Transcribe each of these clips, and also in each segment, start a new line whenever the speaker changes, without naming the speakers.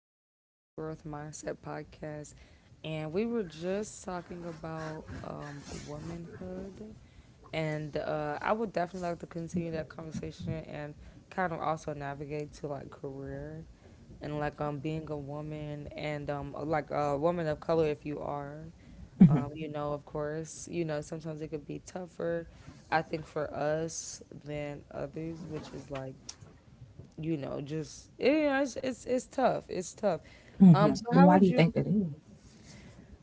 are back to the Growth Mindset Podcast, and we were just talking about womanhood. And I would definitely like to continue that conversation and kind of also navigate to like career and like being a woman and like a woman of color if you are. Of course, sometimes it could be tougher, I think, for us than others, which is like you know, just yeah, it's tough. It's tough.
hmm
So how
Why do
would
you
you?
think that is?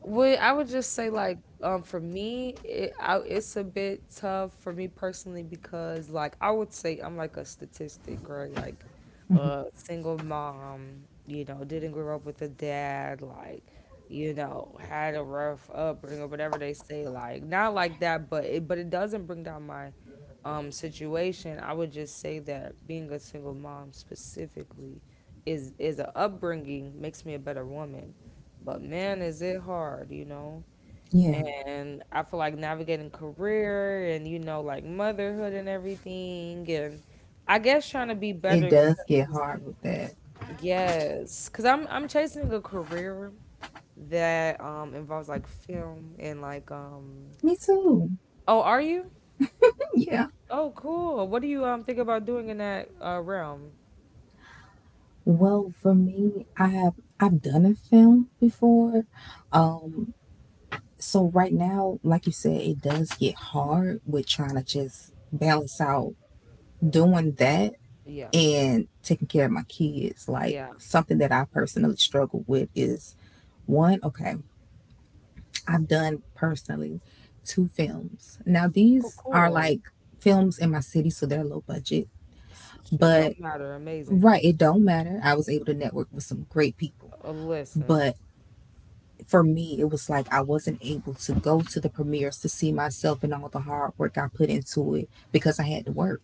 Well, I would just say like for me, it's a bit tough for me personally because like I would say I'm like a statistic, right? Like a single mom, you know, didn't grow up with a dad, like you know, had a rough upbringing or whatever they say, like not like that, but it doesn't bring down my situation. I would just say that being a single mom specifically is a upbringing makes me a better woman. But man, is it hard, you know?
Yeah,
And I feel like navigating career and you know like motherhood and everything, and I guess trying to be
it
better
does get
because
hard with that.
yes, because I'm chasing a career that involves like film and like
Me too.
oh, are you?
Yeah.
Oh, cool. What do you think about doing in that realm?
Well, for me, I've done a film before. Um, so right now, like you said, it does get hard with trying to just balance out doing that
Yeah,
and taking care of my kids. Like
yeah.
something that I personally struggle with is one, okay, I've done personally two films. Now
Oh,
these are
cool.
like films in my city, so they're low budget.
Shoot,
But
don't matter. Amazing.
right, it don't matter. I was able to network with some great people.
Listen.
But for me, it was like I wasn't able to go to the premieres to see myself and all the hard work I put into it because I had to work.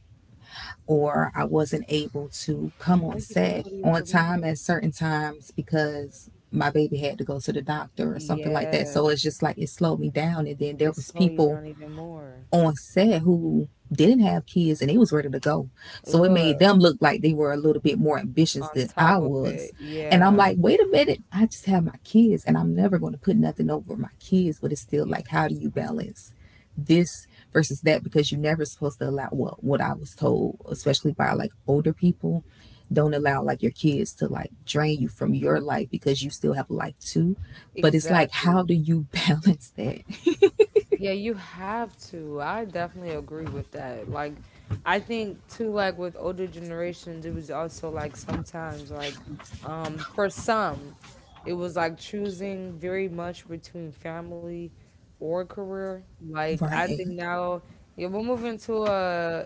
Or I wasn't able to come
Oh,
on
you couldn't
set
go to your
on time at
premieres.
certain times because my baby had to go to the doctor or something like that. So it's
Yes,
just like it slowed me down. And then there
it
was
slowed you
people
down even more.
on set who didn't have kids and they was ready to go. So it made
Look,
them look like they were a little bit more ambitious
on
than
top
I
of it,
was. And I'm
yeah,
like, wait a minute, I just have my kids and I'm never going to put nothing over my kids, but it's still
yeah,
like how do you balance this versus that because you're never supposed to allow well, what I was told, especially by like older people, don't allow like your kids to like drain you from your life because you still have a life too. But it's like how
exactly.
do you balance that?
Yeah, you have to. I definitely agree with that. Like, I think too, like with older generations, it was also like sometimes, like, for some, it was like choosing very much between family or career. Like, I
Right.
think now, yeah, we're moving to a,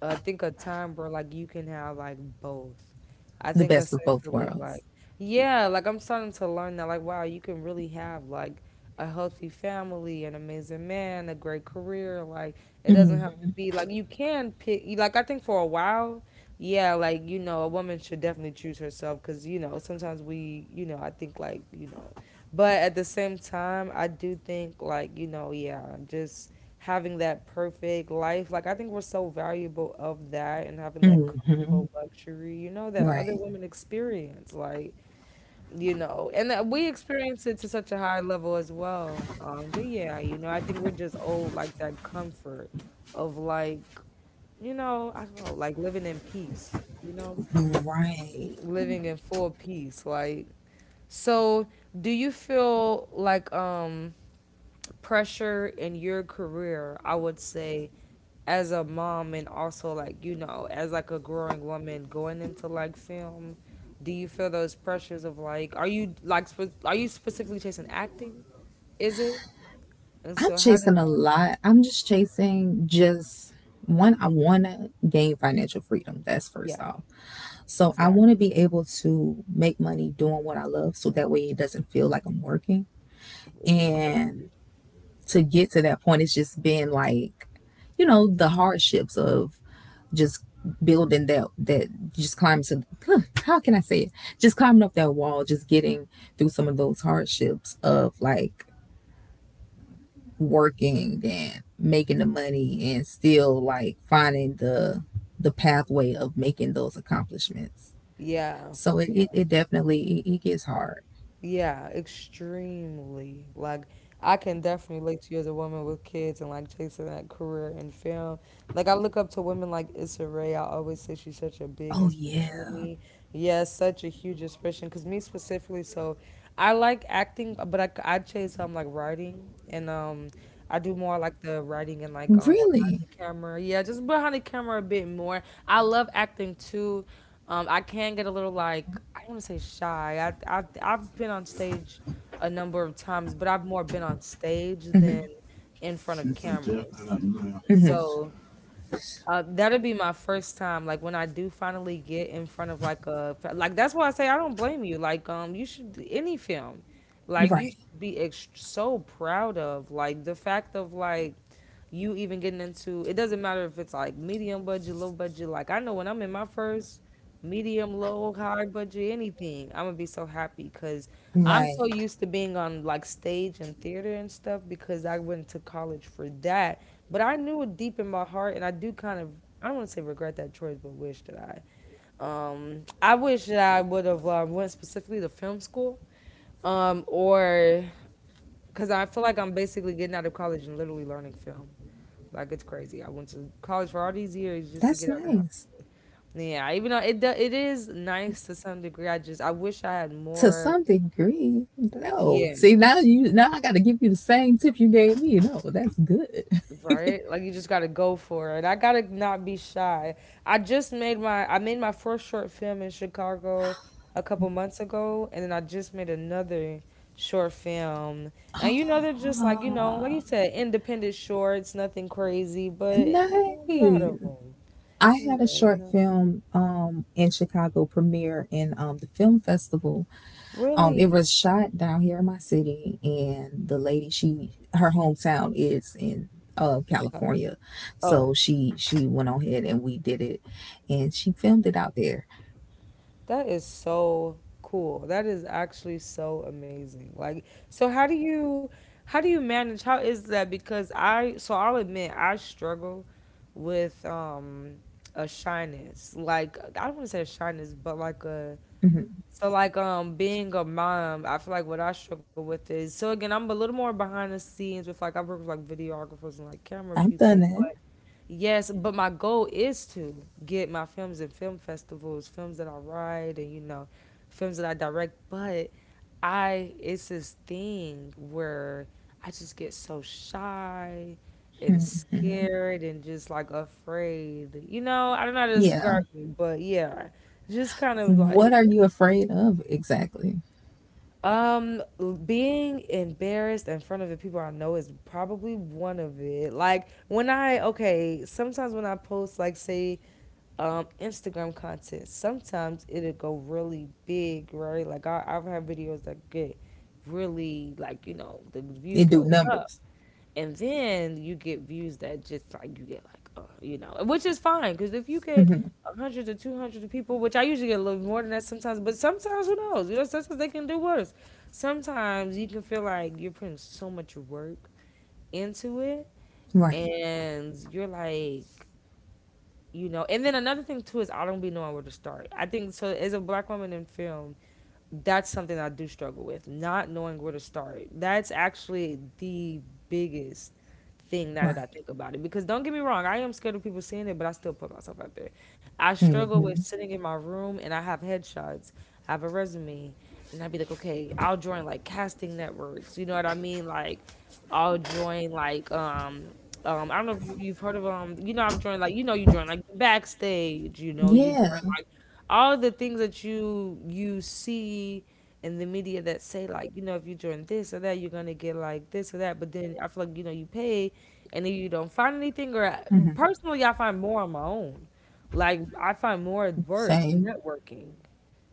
I think a time where like you can have like both. I
The
think
best of both
essentially like
worlds.
yeah, like I'm starting to learn that like wow, you can really have like a healthy family, an amazing man, a great career. Like it doesn't have to
Mm-hmm.
be like you can pick. Like I think for a while, yeah, like you know, a woman should definitely choose herself because you know sometimes we, you know, I think like you know, but at the same time, I do think like you know, yeah, just having that perfect life. Like I think we're so valuable of that and having that
Mm-hmm.
comfortable luxury. You know that other
Right.
women experience like you know, and we experience it to such a high level as well. But yeah, you know, I think we're just old like that comfort of like, you know, I don't know, like living in peace, you know,
Right.
living in full peace. Like, so do you feel like, pressure in your career, I would say, as a mom and also like, you know, as like a growing woman going into like film, do you feel those pressures of like, are you like, are you specifically chasing acting? Is it? And
I'm
so how does
chasing a
that,
lot. I'm just chasing just one, I want to gain financial freedom. That's first
yeah,
off. So I want to
exactly.
be able to make money doing what I love so that way it doesn't feel like I'm working.
Ag-
And
Agreed.
to get to that point it's just been like you know the hardships of just building that, just climbing to how can I say it? Just climbing up that wall, just getting through some of those hardships of like working and making the money and still like finding the pathway of making those accomplishments.
Yeah.
So it, it,
Yeah.
it definitely it gets hard.
Yeah, extremely. Like I can definitely relate to you as a woman with kids and like chasing that career in film. Like I look up to women like Issa Rae. I always say she's such a big
Oh
inspiration to
yeah.
me. Yes, such a huge inspiration. Cause me specifically, so I like acting, but I chase like writing and I do more like the writing and like behind
Really?
the camera. Yeah, just behind the camera a bit more. I love acting too. I can get a little like I don't want to say shy. I've been on stage a number of times, but I've more been on stage than
hmm
in front of cameras.
hmm
So that'll be my first time. Like when I do finally get in front of like a like that's why I say I don't blame you. Like you should any film, like you
Right.
should be so proud of like the fact of like you even getting into it doesn't matter if it's like medium budget, low budget. Like I know when I'm in my first medium, low, high budget, anything, I'm gonna be so happy because I'm
Right.
so used to being on like stage and theater and stuff because I went to college for that. But I knew it deep in my heart, and I do kind of I don't want to say regret that choice, but wish that I wish that I would have went specifically to film school or because I feel like I'm basically getting out of college and literally learning film. Like it's crazy. I went to college for all these years just to
That's
get out of the house.
nice.
Yeah, even though it do, it is nice to some degree, I just I wish I had
To
more.
some degree, no.
Yeah,
See, now I got to give you the same tip you gave me. No, that's good.
right. Like you just gotta go for it. I gotta not be shy. I just made my first short film in Chicago a couple months ago, and then I just made another short film. And you know they're just like you know like you
Ah,
said independent shorts, nothing crazy, but you know I'm proud
nice.
of them.
I had a
Yeah, you
short
know
film in Chicago premiere in the film festival. It
really
was shot down here in my city, and the lady she her hometown is in
Chicago.
California,
Oh,
so she went on ahead and we did it, and she filmed it out there.
that is so cool. That is actually so amazing. Like, so how do you manage? How is that? Because I so I'll admit I struggle with a shyness. Like I don't want to say a shyness, but like a.
hmm
So like being a mom, I feel like what I struggle with is so again I'm a little more behind the scenes with like I work with like videographers and like camera
I've done
people,
that.
but yes, but my goal is to get my films in film festivals, films that I write and you know, films that I direct, but I it's this thing where I just get so shy and scared and just like afraid. You know, I don't know how to
Yeah.
describe it, but yeah, just kind of
What
like
are you afraid of exactly?
being embarrassed in front of the people I know is probably one of it. Like when I okay, sometimes when I post like say Instagram content, sometimes it'll go really big, right? Like I've had videos that get really like you know the views
It do
go up
numbers.
and then you get views that just like you get like you know which is fine because if you get
hmm
100 to 200 people which I usually get a little more than that sometimes but sometimes who knows you know sometimes they can do worse sometimes you can feel like you're putting so much work into it
Right.
and you're like you know and then another thing too is I don't be knowing where to start I think so as a black woman in film that's something I do struggle with, not knowing where to start. That's actually the biggest thing now that I
Right.
think about it. Because don't get me wrong, I am scared of people seeing it, but I still put myself out there. I struggle with
hmm
sitting in my room and I have headshots, I have a resume, and I'd be like, okay, I'll join like casting networks. You know what I mean? Like, I'll join like I don't know if you, you've heard of you know I've joined like you know you join like backstage you know you join
Yeah.
like, all the things that you see in the media that say like you know if you join this or that you're gonna get like this or that but then I feel like you know you pay and then you don't find anything or
hmm
personally I find more on my own like I find more at work
Same.
networking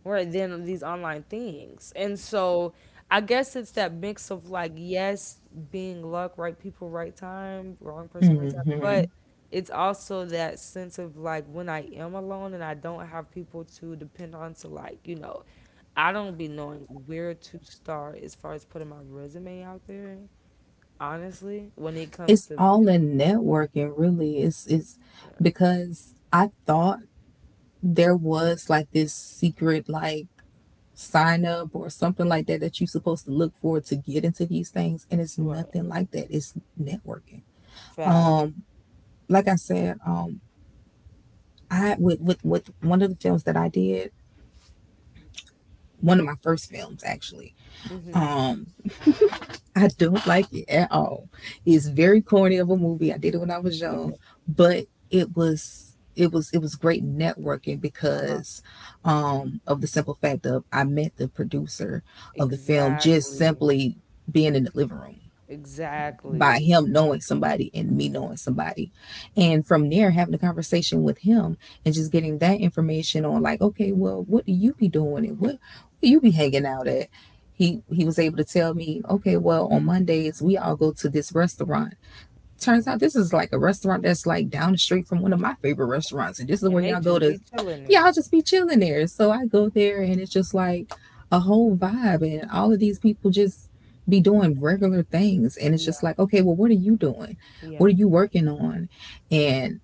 right then these online things and so I guess it's that mix of like yes being luck right people right time wrong person right time
hmm
but it's also that sense of like when I am alone and I don't have people to depend on to like you know I don't be knowing where to start as far as putting my resume out there honestly when it comes
It's
to
all in networking, really. It's
yeah,
because I thought there was like this secret like sign up or something like that that you're supposed to look for to get into these things, and it's
right.
nothing like that. It's networking.
Fact.
Like I said, I with one of the films that I did, one of my first films actually.
Mm-hmm.
Um, I don't like it at all. It's very corny of a movie. I did it when I was young,
Okay.
but it was great networking
Uh-huh.
because of the simple fact of I met the producer of the film just
Exactly.
simply being in the living room by
Exactly.
him knowing somebody and me knowing somebody. And from there, having a conversation with him and just getting that information on, like, okay, well, what do you be doing and what, where you be hanging out at? He was able to tell me, okay, well, on Mondays, we all go to this restaurant. Turns
Yeah.
out this is like a restaurant that's like down the street from one of my favorite restaurants, and this is where
And they
y'all go
just
to.
be chilling
Yeah,
there.
I'll just be chilling there. So I go there, and it's just like a whole vibe, and all of these people just be doing regular things, and it's just
Yeah,
like, okay, well, what are you doing? What
yeah.
are you working on? And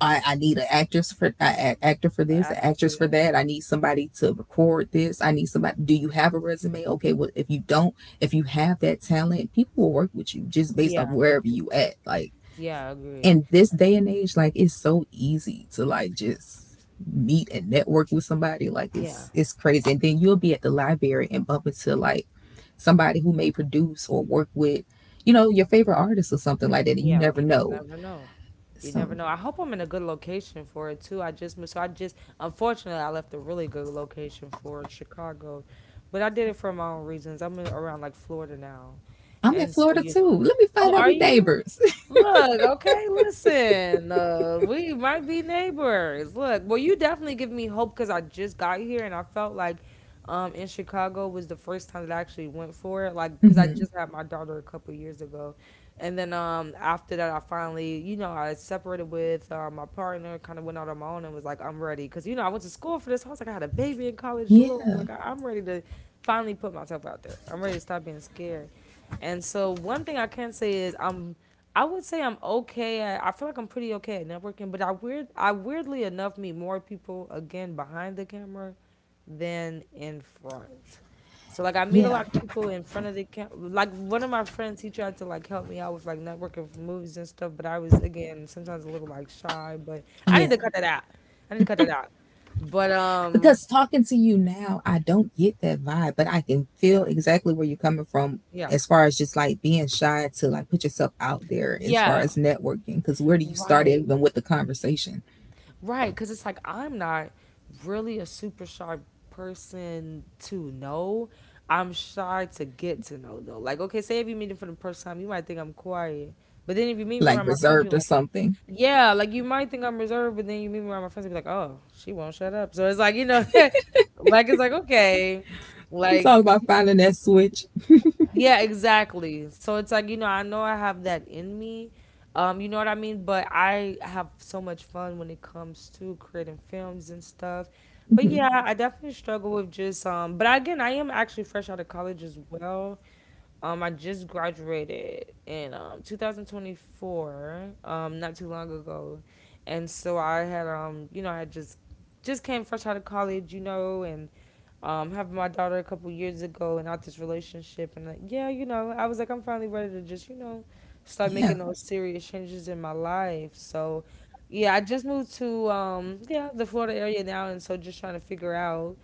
I need an actress for an actor for
The
this, an actress for
activists.
that. I need somebody to record this. I need somebody. Do you have a resume? Okay, well, if you don't, if you have that talent, people will work with you just based off
Yeah,
wherever
agreed.
you at. Like
Yeah, agreed.
in this day and age, like it's so easy to like just meet and network with somebody. Like
Yeah,
it's crazy. And then you'll be at the library and bump into like somebody who may produce or work with, you know, your favorite artist or something like that. And you
yeah.
never
Like you just
know.
never know. You
So
never know. I hope I'm in a good location for it too. I just moved, so I just unfortunately I left a really good location for it, Chicago, but I did it for my own reasons. I'm in, around like Florida now,
I'm in
and so
Florida
you
too.
know.
Let me
Oh,
find out
are
we
you?
neighbors.
Look, okay, listen. We might be neighbors. Look, well, you definitely give me hope because I just got here and I felt like in Chicago was the first time that I actually went for it. Like, because I
hmm
just had my daughter a couple years ago. And then after that, I finally, you know, I separated with my partner, kind of went out on my own and was like, I'm ready. Because, you know, I went to school for this. I was like, I had a baby in college, Lord.
Yeah.
Like, I'm ready to finally put myself out there. I'm ready to stop being scared. And so one thing I can say is I would say I'm okay. At, I feel like I'm pretty okay at networking, but I weirdly enough meet more people again behind the camera than in front. So like I meet a
Yeah.
lot of people in front of the camera. Like one of my friends, he tried to like help me out with like networking for movies and stuff, but I was again sometimes a little like shy. But I
Yeah.
need to cut that out. I need to cut that out. But
Because talking to you now, I don't get that vibe, but I can
yeah,
feel exactly where you're coming from
yeah,
as far as just like being shy to like put yourself out there as far
yeah,
as networking. Because where do you start
right.
even with the conversation?
Right, because it's like I'm not really a super shy person to know. I'm shy to get to know though. Like, okay, say if you meet me for the first time, you might think I'm quiet. But then if you meet me
Like
around my friends,
reserved
you're
or
like,
something.
yeah, like you might think I'm reserved, but then you meet me around my friends and be like, oh, she won't shut up. So it's like, you know, like it's like, okay.
It's
Like
all about finding that switch.
yeah, exactly. So it's like, you know I have that in me. You know what I mean? But I have so much fun when it comes to creating films and stuff. But
hmm
yeah, I definitely struggle with just but again, I am actually fresh out of college as well. I just graduated in 2024, not too long ago. And so I had you know, I just came fresh out of college, you know, and having my daughter a couple years ago and out this relationship. And like, yeah, you know, I was like, I'm finally ready to just, you know, start
Yeah.
making those serious changes in my life. So, yeah, I just moved to, yeah, the Florida area now. And so just trying to figure out,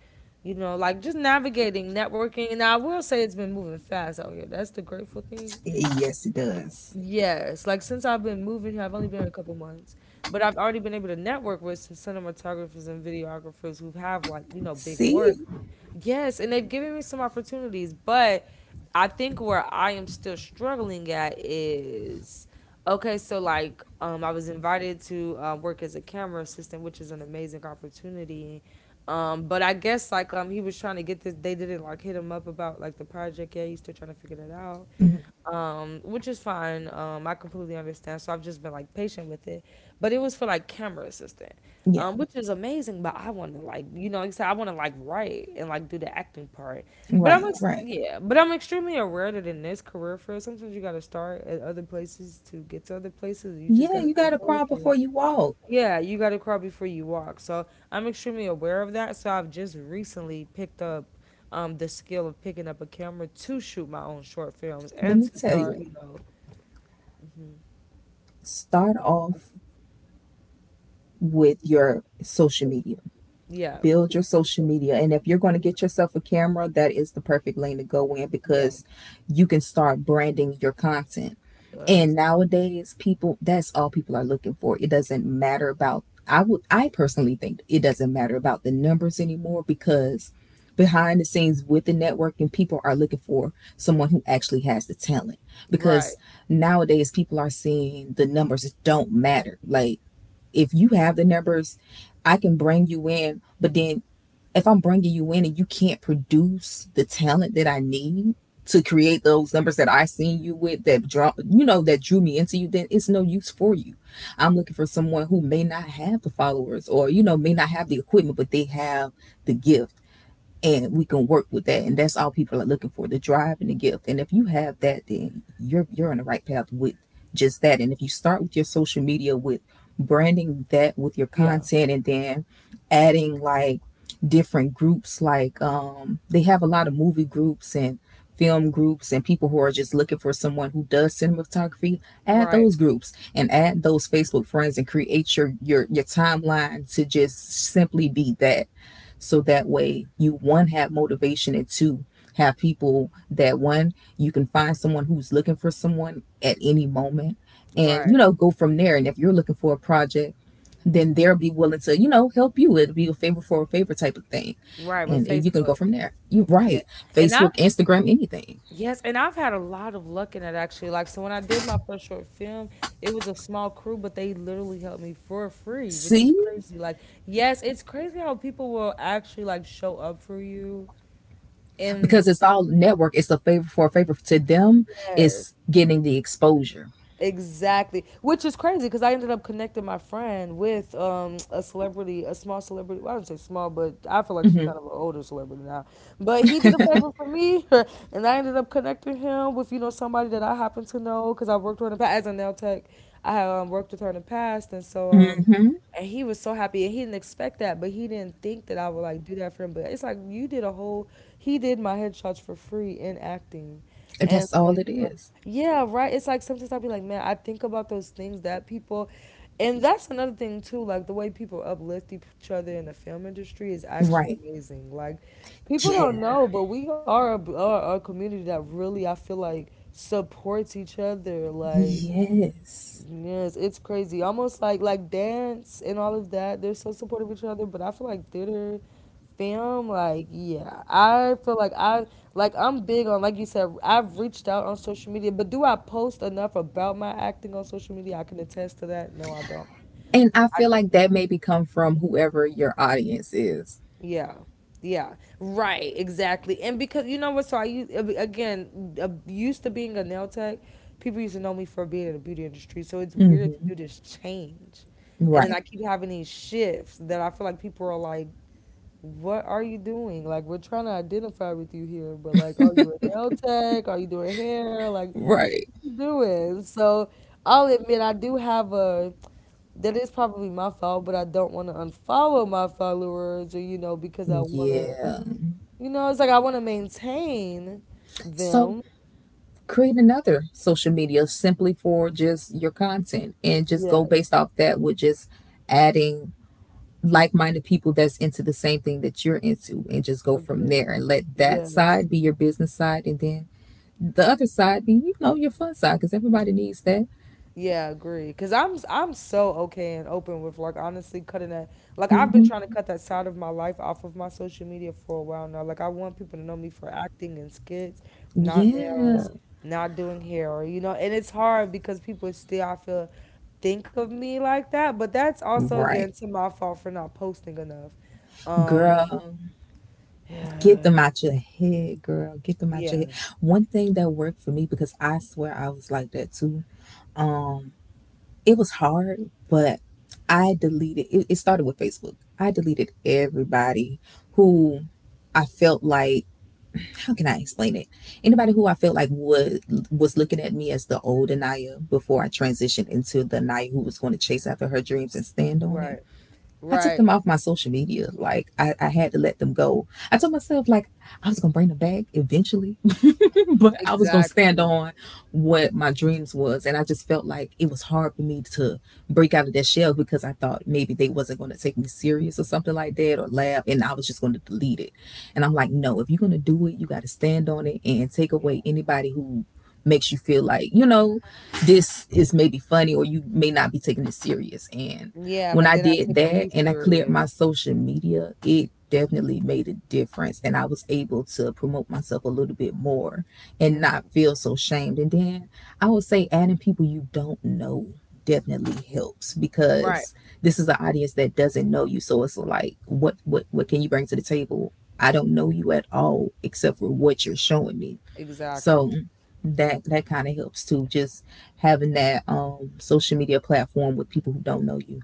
you know, like just navigating, networking. And I will say it's been moving fast out here. That's the grateful thing.
Yes, it does.
Yes, like since I've been moving here, I've only been here a couple months, but I've already been able to network with some cinematographers and videographers who have like, you know, big work.
See?
Yes, and they've given me some opportunities, but I think where I am still struggling at is okay, so like I was invited to work as a camera assistant, which is an amazing opportunity. But I guess like he was trying to get this they didn't like hit him up about like the project yet, he's still trying to figure that out
Mhm.
which is fine. I completely understand. So I've just been like patient with it. But it was for like camera assistant,
Yeah.
which is amazing. But I want to like, you know, like I said, I want to like write and like do the acting part.
Right, right.
Yeah, but I'm extremely aware that in this career field, sometimes you got to start at other places to get to other places. You just got
Yeah,
to
you got to
network
crawl
and
before you walk.
yeah, you got to crawl before you walk. So I'm extremely aware of that. So I've just recently picked up the skill of picking up a camera to shoot my own short films
Let
and
me
to
tell
start,
you,
you know,
start off with your social media,
yeah,
build your social media. And if you're going to get yourself a camera, that is the perfect lane to go in
yeah,
because you can start branding your content.
uh,
And nowadays, people, that's all people are looking for. It doesn't matter about I would I personally think it doesn't matter about the numbers anymore because behind the scenes with the networking people are looking for someone who actually has the talent because
right,
nowadays people are seeing the numbers don't matter. Like if you have the numbers I can bring you in, but then if I'm bringing you in and you can't produce the talent that I need to create those numbers that I seen you with, that draw, you know, that drew me into you, then it's no use for you. I'm looking for someone who may not have the followers or, you know, may not have the equipment, but they have the gift, and we can work with that, and that's all people are looking for: the drive and the gift. And if you have that, then you're on the right path with just that. And if you start with your social media with branding that with your
yeah,
content, and then adding like different groups, like they have a lot of movie groups and film groups and people who are just looking for someone who does cinematography, add
right,
those groups and add those Facebook friends and create your timeline to just simply be that, so that way you one have motivation, and two have people that one you can find someone who's looking for someone at any moment, and
right,
you know, go from there. And if you're looking for a project, then they'll be willing to, you know, help you. It'll be a favor for a favor type of thing,
right with
and you can go
Facebook.
from there. You're
Yeah.
right.
And I
Facebook, Instagram, anything.
Yes, and I've had a lot of luck in it actually. Like, so when I did my first short film, it was a small crew, but they literally helped me for free, which is
See,
crazy. Like, yes, it's crazy how people will actually like show up for you. And
because it's all network, it's a favor for a favor to them,
yes,
it's getting the exposure.
exactly, which is crazy because I ended up connecting my friend with a celebrity, a small celebrity. Well, I don't say small, but I feel like she's
Mm-hmm.
kind of an older celebrity now. But he did a favor for me, and I ended up connecting him with you know somebody that I happen to know because I worked with her in the past as a nail tech. I had worked with her in the past, and so
Mm-hmm.
and he was so happy, and he didn't expect that, but he didn't think that I would like do that for him. But it's like you did a whole, he did my headshots for free in acting, and
That's
so
all it
you know,
is.
yeah, right. It's like sometimes I'll be like, man, I think about those things that people, and that's another thing too, like the way people uplift each other in the film industry is actually
Right.
amazing. Like people don't
Yeah.
know, but we are a community that really I feel like supports each other, like
Yes.
yes, it's crazy. Almost like dance and all of that. They're so supportive of each other, but I feel like theater, film, like yeah. I feel like I'm big on like you said, I've reached out on social media, but do I post enough about my acting on social media? I can attest to that. No, I don't.
And I feel like that maybe come from whoever your audience is.
Yeah. Yeah. Right. Exactly. And because you know what? So I used again used to being a nail tech. People used to know me for being in the beauty industry. So it's weird to
Mm-hmm.
do this change, and then I
Right.
keep having these shifts that I feel like people are like, "What are you doing? Like we're trying to identify with you here, but like, are you a nail tech? Are you doing hair? Like, what
Right.
you doing?" So I'll admit I do have a that is probably my fault, but I don't want to unfollow my followers or you know because I want to
Yeah.
you know, it's like I want to maintain
So
them.
create another social media simply for just your content and just go
Yes,
based off that with just adding like-minded people that's into the same thing that you're into and just go from there,
agree.
and let that
Yes.
side be your business side and then the other side be, you know, your fun side because everybody needs that.
Yeah, agree. I'm so okay and open with like honestly cutting that. Like I've been
Mm-hmm.
trying to cut that side of my life off of my social media for a while now. Like I want people to know me for acting and skits, not
Yeah.
nails, not doing hair, or you know. And it's hard because people still I feel think of me like that. But that's also
Right.
again to my fault for not posting enough. Um.
Girl, get them out your head, girl. Get them out your head.
Yeah.
One thing that worked for me because I swear I was like that too. Um, it was hard, but I deleted. It started with Facebook. I deleted everybody who I felt like. How can I explain it? Anybody who I felt like was looking at me as the old Anaya before I transitioned into the Anaya who was going to chase after her dreams and stand on it.
Right,
I took them
right,
off my social media. Like I had to let them go. I told myself like I was gonna bring them back eventually. But I was gonna stand
exactly.
on what my dreams was, and I just felt like it was hard for me to break out of that shell because I thought maybe they wasn't gonna take me serious or something like that or laugh, and I was just gonna delete it. And I'm like, no, if you're gonna do it, you got to stand on it and take
Yeah,
away anybody who makes you feel like this is maybe funny or you may not be taking it serious. And
yeah,
when
like
I
they're not
did
taking
that
you
and I cleared my
serious.
social media, it definitely made a difference and I was able to promote myself a little bit more and
Mm,
not feel so shamed. And then I would say adding people you don't know definitely helps
right,
because this is an audience that doesn't know you. So it's like, what can you bring to the table? I don't know you at all except for what you're showing me. So
exactly.
that kind of helps too. Just having that social media platform with people who don't know you.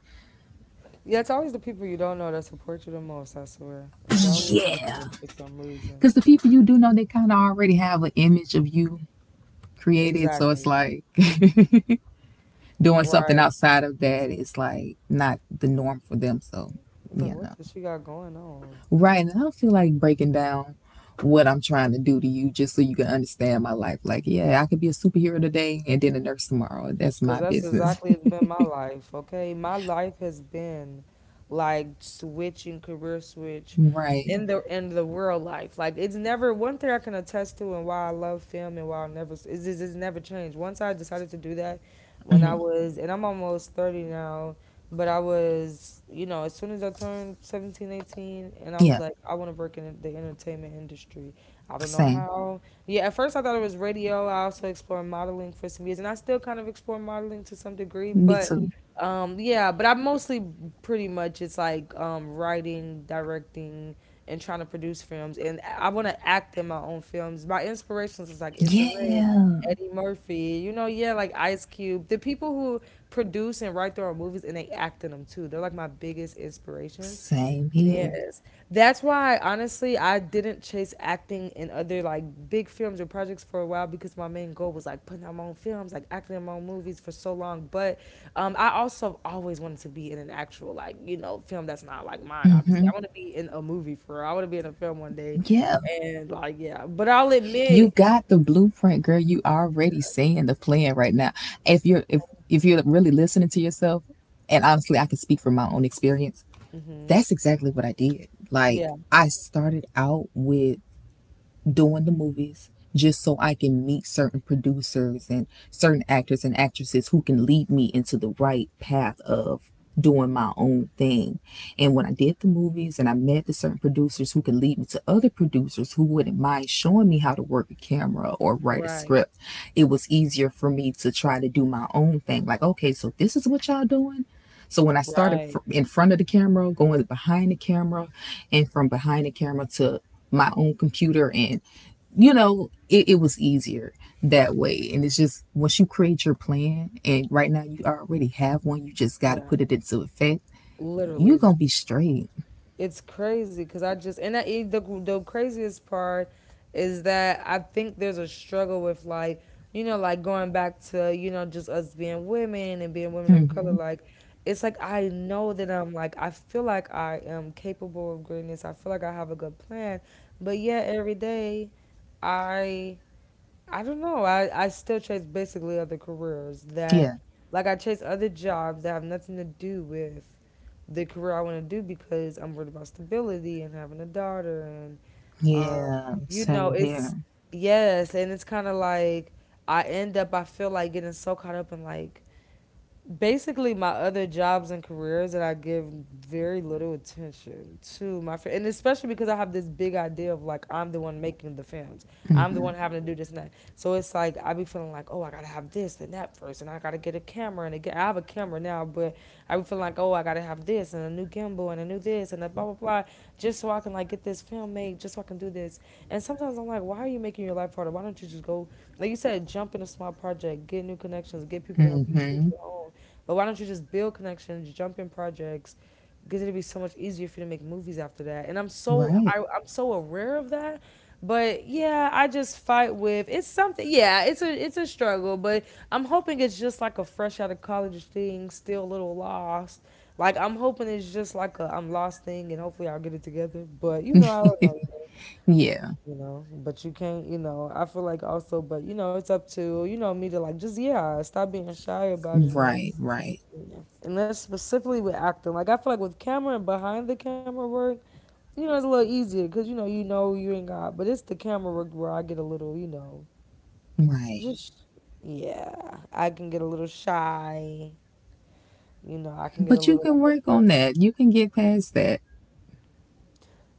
Yeah, it's always the people you don't know that support you the most, I swear. It's always like
Yeah,
that for some reason.
because the people you do know, they kind of already have an image of you created. So it's
Exactly.
like doing something
Right.
outside of that is like not the norm for them. So,
It's like,
you know.
what does she got going on?
Right. And I don't feel like breaking down what I'm trying to do to you just so you can understand my life. Like, yeah, I could be a superhero today and then a nurse tomorrow. That's
Because
my
that's
business.
exactly it's been my life, okay? My life has been like switching career switch
Right.
in the real life. Like it's never one thing I can attest to and why I love film and why I never is it's never changed. Once I decided to do that when I
Hmm.
was and I'm almost 30 now, but I was, you know, as soon as I turned 17, 18, and I was
Yeah.
like I want to work in the entertainment industry. I don't know
Same.
how yeah, at first I thought it was radio. I also explored modeling for some years, and I still kind of explore modeling to some degree.
Me
But
too.
yeah, but I mostly pretty much it's like writing, directing, and trying to produce films. And I want to act in my own films. My inspirations is like Issa Rae,
Yeah.
Eddie Murphy, you know, yeah, like Ice Cube. The people who produce and write their own movies and they act in them too. They're like my biggest inspirations.
Same here.
Yes. That's why honestly I didn't chase acting in other like big films or projects for a while because my main goal was like putting out my own films, like acting in my own movies for so long. But I also always wanted to be in an actual like, you know, film that's not like mine, obviously.
Hmm.
I want to be in a movie for real. I want to be in a film one day.
Yeah.
And like yeah. But I'll
You
admit
got the blueprint, girl. You already
yeah.
seeing the plan right now. If you're really listening to yourself, and honestly, I can speak from my own experience.
Hmm.
That's exactly what I did. Like
Yeah.
I started out with doing the movies just so I can meet certain producers and certain actors and actresses who can lead me into the right path of doing my own thing. And when I did the movies and I met the certain producers who can lead me to other producers who wouldn't mind showing me how to work a camera or write a
Right.
script, it was easier for me to try to do my own thing. Like, okay, so this is what y'all doing. So when I started
Right.
in front of the camera, going behind the camera, and from behind the camera to my own computer, and you know, it was easier that way. And it's just once you create your plan, and right now you already have one, you just got to
Yeah.
put it into effect. You're
Literally
gonna
just
be straight.
it's crazy because I just and I, the craziest part is that I think there's a struggle with like like going back to just us being women and being women of color.
Hmm.
Like, it's like I know that I feel like I am capable of greatness. I feel like I have a good plan, but yet every day I I don't know, I still chase basically other careers
Yeah,
that. Like I chase other jobs that have nothing to do with the career I want to do because I'm worried about stability and having a daughter and um,
yeah, same
it's
here.
yes, and it's kind of like I end up, I feel like getting so caught up in like basically my other jobs and careers that I give very little attention to my and especially because I have this big idea of like I'm the one making the films.
mm
I'm the
hmm
one having to do this and that. So it's like I be feeling like, oh, I gotta have this and that first and I gotta get a camera, and again, I have a camera now, but I be feeling like, oh, I gotta have this and a new gimbal and a new this and a blah blah blah, just so I can like get this film made, just so I can do this. And sometimes I'm like, why are you making your life harder? Why don't you just go, like you said, jump in a small project, get new connections, get people to
mm
help you shoot
hmm
your own, but why don't you just build connections, jump in projects? Because it'd be so much easier for you to make movies after that. And I'm so
Right.
I, I'm so aware of that. But yeah, I just fight with it's something. Yeah, it's a struggle, but I'm hoping it's just like a fresh out of college thing, still a little lost. Like I'm hoping it's just like a I'm lost thing, and hopefully I'll get it together. But, I don't know,
Yeah.
But you can't, I feel like also, but, it's up to me to like just yeah, stop being shy about it and
Right. Right.
yeah. And that's specifically with acting. Like I feel like with camera and behind the camera work, it's a little easier because you know you ain't got. But it's the camera work where I get a little,
Right.
just yeah, I can get a little shy. You know, I can get a
But you
little
can
like.
work on that. You can get past that.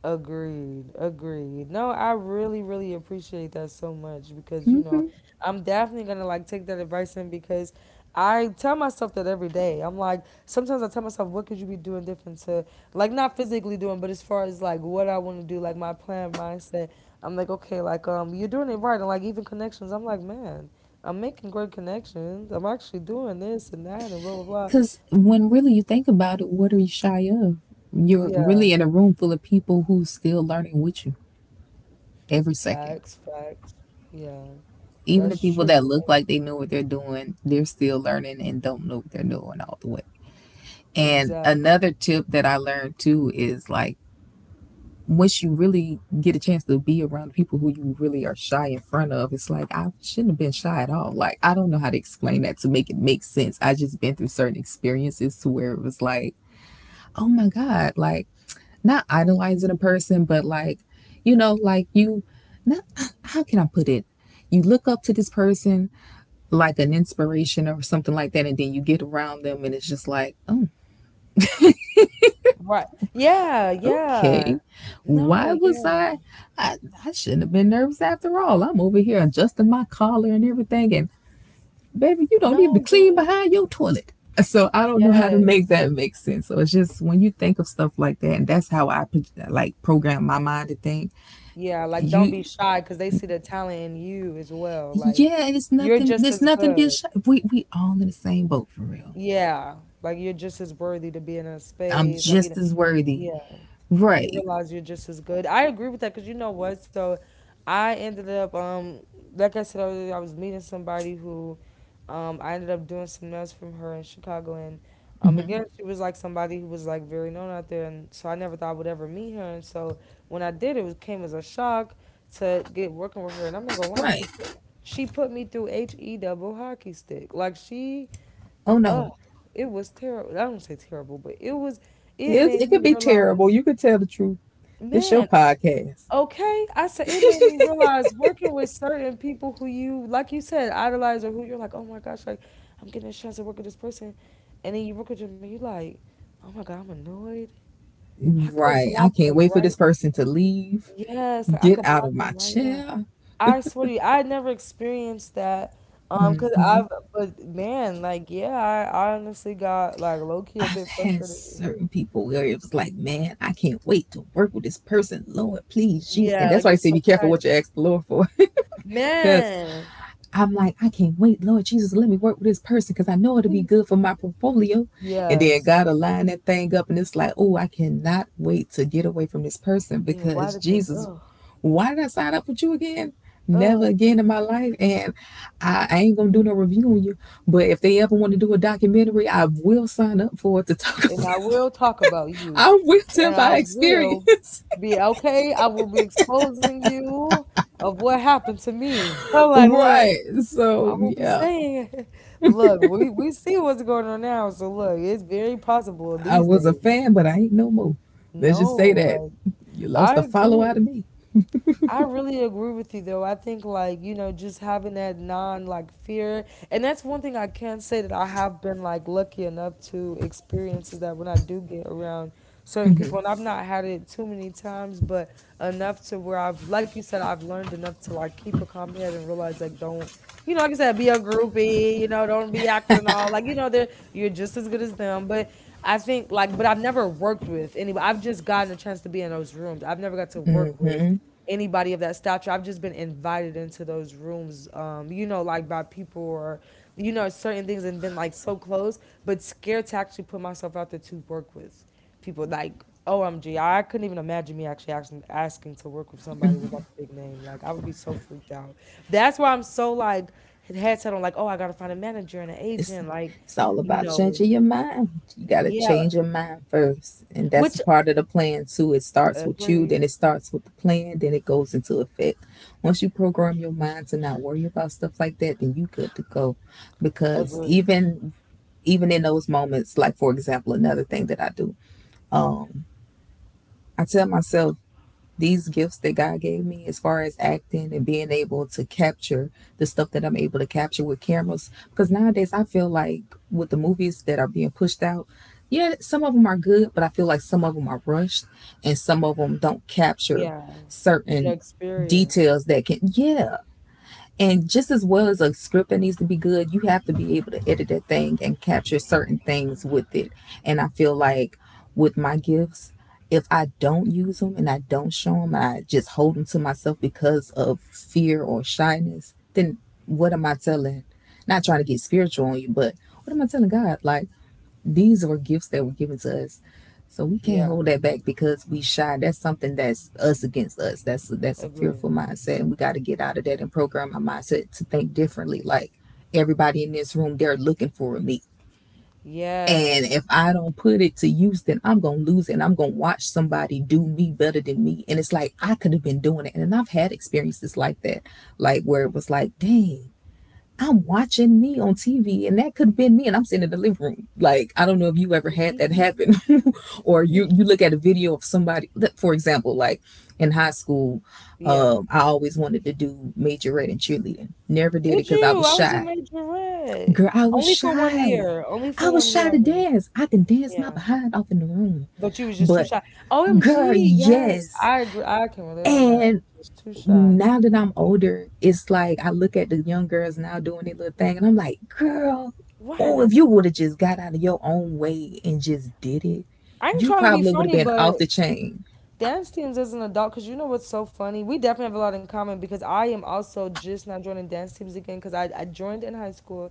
Agreed. Agreed. No, I really, really appreciate that so much because,
Mm-hmm.
I'm definitely gonna like take that advice in because I tell myself that every day. I'm like, sometimes I tell myself, what could you be doing different to, like, not physically doing, but as far as like what I want to do, like my plan, mindset. I'm like, okay, like, you're doing it right, and like even connections. I'm like, man, I'm making great connections. I'm actually doing this and that and blah blah blah.
Because when really you think about it, what are you shy of? You're
Yeah,
really in a room full of people who's still learning with you every
facts,
second.
facts. Yeah,
Even the
that's
people that
true.
look like they know what they're doing, they're still learning and don't know what they're doing all the way. And
Exactly.
another tip that I learned too is like, once you really get a chance to be around people who you really are shy in front of, it's like, I shouldn't have been shy at all. Like, I don't know how to explain that to make it make sense. I just been through certain experiences to where it was like, oh my God, like, not idolizing a person, but like, you know, like you, not, how can I put it? You look up to this person like an inspiration or something like that, and then you get around them, and it's just like, oh,
Right. Yeah, yeah.
okay,
No,
why was
yeah.
I? I, I shouldn't have been nervous after all. I'm over here adjusting my collar and everything, and baby, you don't even
No, yeah.
clean behind your toilet. So I don't know how to make
Yes.
that make sense. So it's just when you think of stuff like that, and that's how I like program my mind to think.
Yeah, like don't
You
be shy because they see the talent in you as well. Like
Yeah, and it's
you're
nothing.
just
There's
as
nothing to be
good.
ashamed. We all in the same boat for real.
Yeah. Like you're just as worthy to be in a
I'm
space. Like,
just as worthy.
yeah. You
Right,
realize you're just as good. I agree with that because you know what? So I ended up, like I said earlier, I was meeting somebody who I ended up doing some nails from her in Chicago. And again, she was like somebody who was like very known out there. And so I never thought I would ever meet her. And so when I did, it was, came as a shock to get working with her. And I'm not going to lie,
right.
she put me through H E double hockey stick. Like
Oh no.
oh, it was terrible. I don't say terrible, but it was, it
It's,
made
it could
me
be terrible.
realize.
You could tell the truth. This your
Man,
podcast.
okay, I said it made me realize working with certain people who you, like you said, idolize or who you're like, oh my gosh, like I'm getting a chance to work with this person, and then you work with them and you like, oh my god, I'm annoyed. I could
Right. I
block
can't
them
wait for this
right.
person to leave.
Yes, like I
Get
could
out
block
of my
them right now.
chair.
I swear to you, I never experienced that. Um, cause I've, but man, like yeah, I honestly got like low key a
I've
bit
had
frustrated.
certain people where it was like, man, I can't wait to work with this person. Lord, please, Jesus. And
Yeah,
that's
like
why I
you're
say
so
be careful what
excited,
you ask the Lord for. Because
man.
I'm like, I can't wait, Lord Jesus, let me work with this person because I know it'll be
Please.
good for my portfolio. And then
Yes.
God will line that thing up, and it's like, oh, I cannot wait to get away from this person
Yeah. Why
because
did this?
Jesus,
Ugh.
why did I sign up with you again? Never
Uh,
again in my life, and I ain't gonna do no review on you. But if they ever want to do a documentary, I will sign up for it to talk.
and
About,
I will talk about you,
I will tell
and I
my
will
experience,
be okay. I will be exposing you of what happened to me. I'm like, look,
right?
I
So
will be
yeah
saying, look, we see what's going on now. So look, it's very possible
I
these
was a
days.
fan, but I ain't no more. Let's
No,
just say that
like
you lost
I
a follow out of
agree.
me.
I really agree with you though. I think like, just having that non like fear, and that's one thing I can say that I have been like lucky enough to experience is that when I do get around certain people, and I've not had it too many times, but enough to where I've like you said, I've learned enough to like keep a calm head and realize like don't, like I said, be a groupie, don't be acting all like, they're you're just as good as them. But I think like but I've never worked with anybody. I've just gotten a chance to be in those rooms. I've never got to work with anybody of that stature. I've just been invited into those rooms, like by people or, certain things, and been like so close, but scared to actually put myself out there to work with people. Like, OMG, I couldn't even imagine me actually asking to work with somebody with like a big name. Like, I would be so freaked out. That's why I'm so like head set on, like, oh, I gotta find a manager and an
It's
agent. Like,
all
you
about
know,
changing your mind. You gotta
yeah,
change your mind first, and that's a
which
part of the plan too. It starts with you,
agreed,
then it starts with the plan, then it goes into effect. Once you program your mind to not worry about stuff like that, then you good to go. Because
agree.
even in those moments, like for example, another thing that I do, um, I tell myself these gifts that God gave me as far as acting and being able to capture the stuff that I'm able to capture with cameras. Because nowadays I feel like with the movies that are being pushed out, yeah, some of them are good, but I feel like some of them are rushed and some of them don't capture
Yeah, the
certain
experience.
details that can, yeah. And just as well as a script that needs to be good, you have to be able to edit that thing and capture certain things with it. And I feel like with my gifts, if I don't use them and I don't show them, I just hold them to myself because of fear or shyness, then what am I telling? Not trying to get spiritual on you, but what am I telling God? Like, these were gifts that were given to us. So we can't
Yeah,
hold that back because we shy. That's something that's us against us. That's a
agree.
fearful mindset, and we got to get out of that and program our mindset to think differently. Like everybody in this room, they're looking for me, and
Yes.
if I don't put it to use, then I'm gonna lose, it, and I'm gonna watch somebody do me better than me. And it's like I could have been doing it, and I've had experiences like that, like where it was like, dang. I'm watching me on TV and that could have been me and I'm sitting in the living room. Like, I don't know if you ever
He,
had that happen
he,
or
he,
you,
he-
you look at a video of somebody, for example, like in high school,
Yeah.
I always wanted to do majorette in cheerleading. Never did it
Did
because I
you?
was
I was a
shy.
major red.
Girl, I was
Only for one
shy.
year. Only for
I was
1 year.
shy
I
to
was in,
dance. I can dance my
yeah.
behind off in the room.
But you was just too
But
shy.
girl,
OMG. Yes.
yes.
I agree. I can relate on that.
And
Just too shy.
now that I'm older, it's like I look at the young girls now doing their little thing, and I'm like, girl,
Why
oh,
not?
if you would have just got out of your own way and just did it,
I ain't
you
trying to be
probably would have
funny,
been
but
off the chain.
dance teams as an adult because you know what's so funny, we definitely have a lot in common because I am also just now joining dance teams again because I joined in high school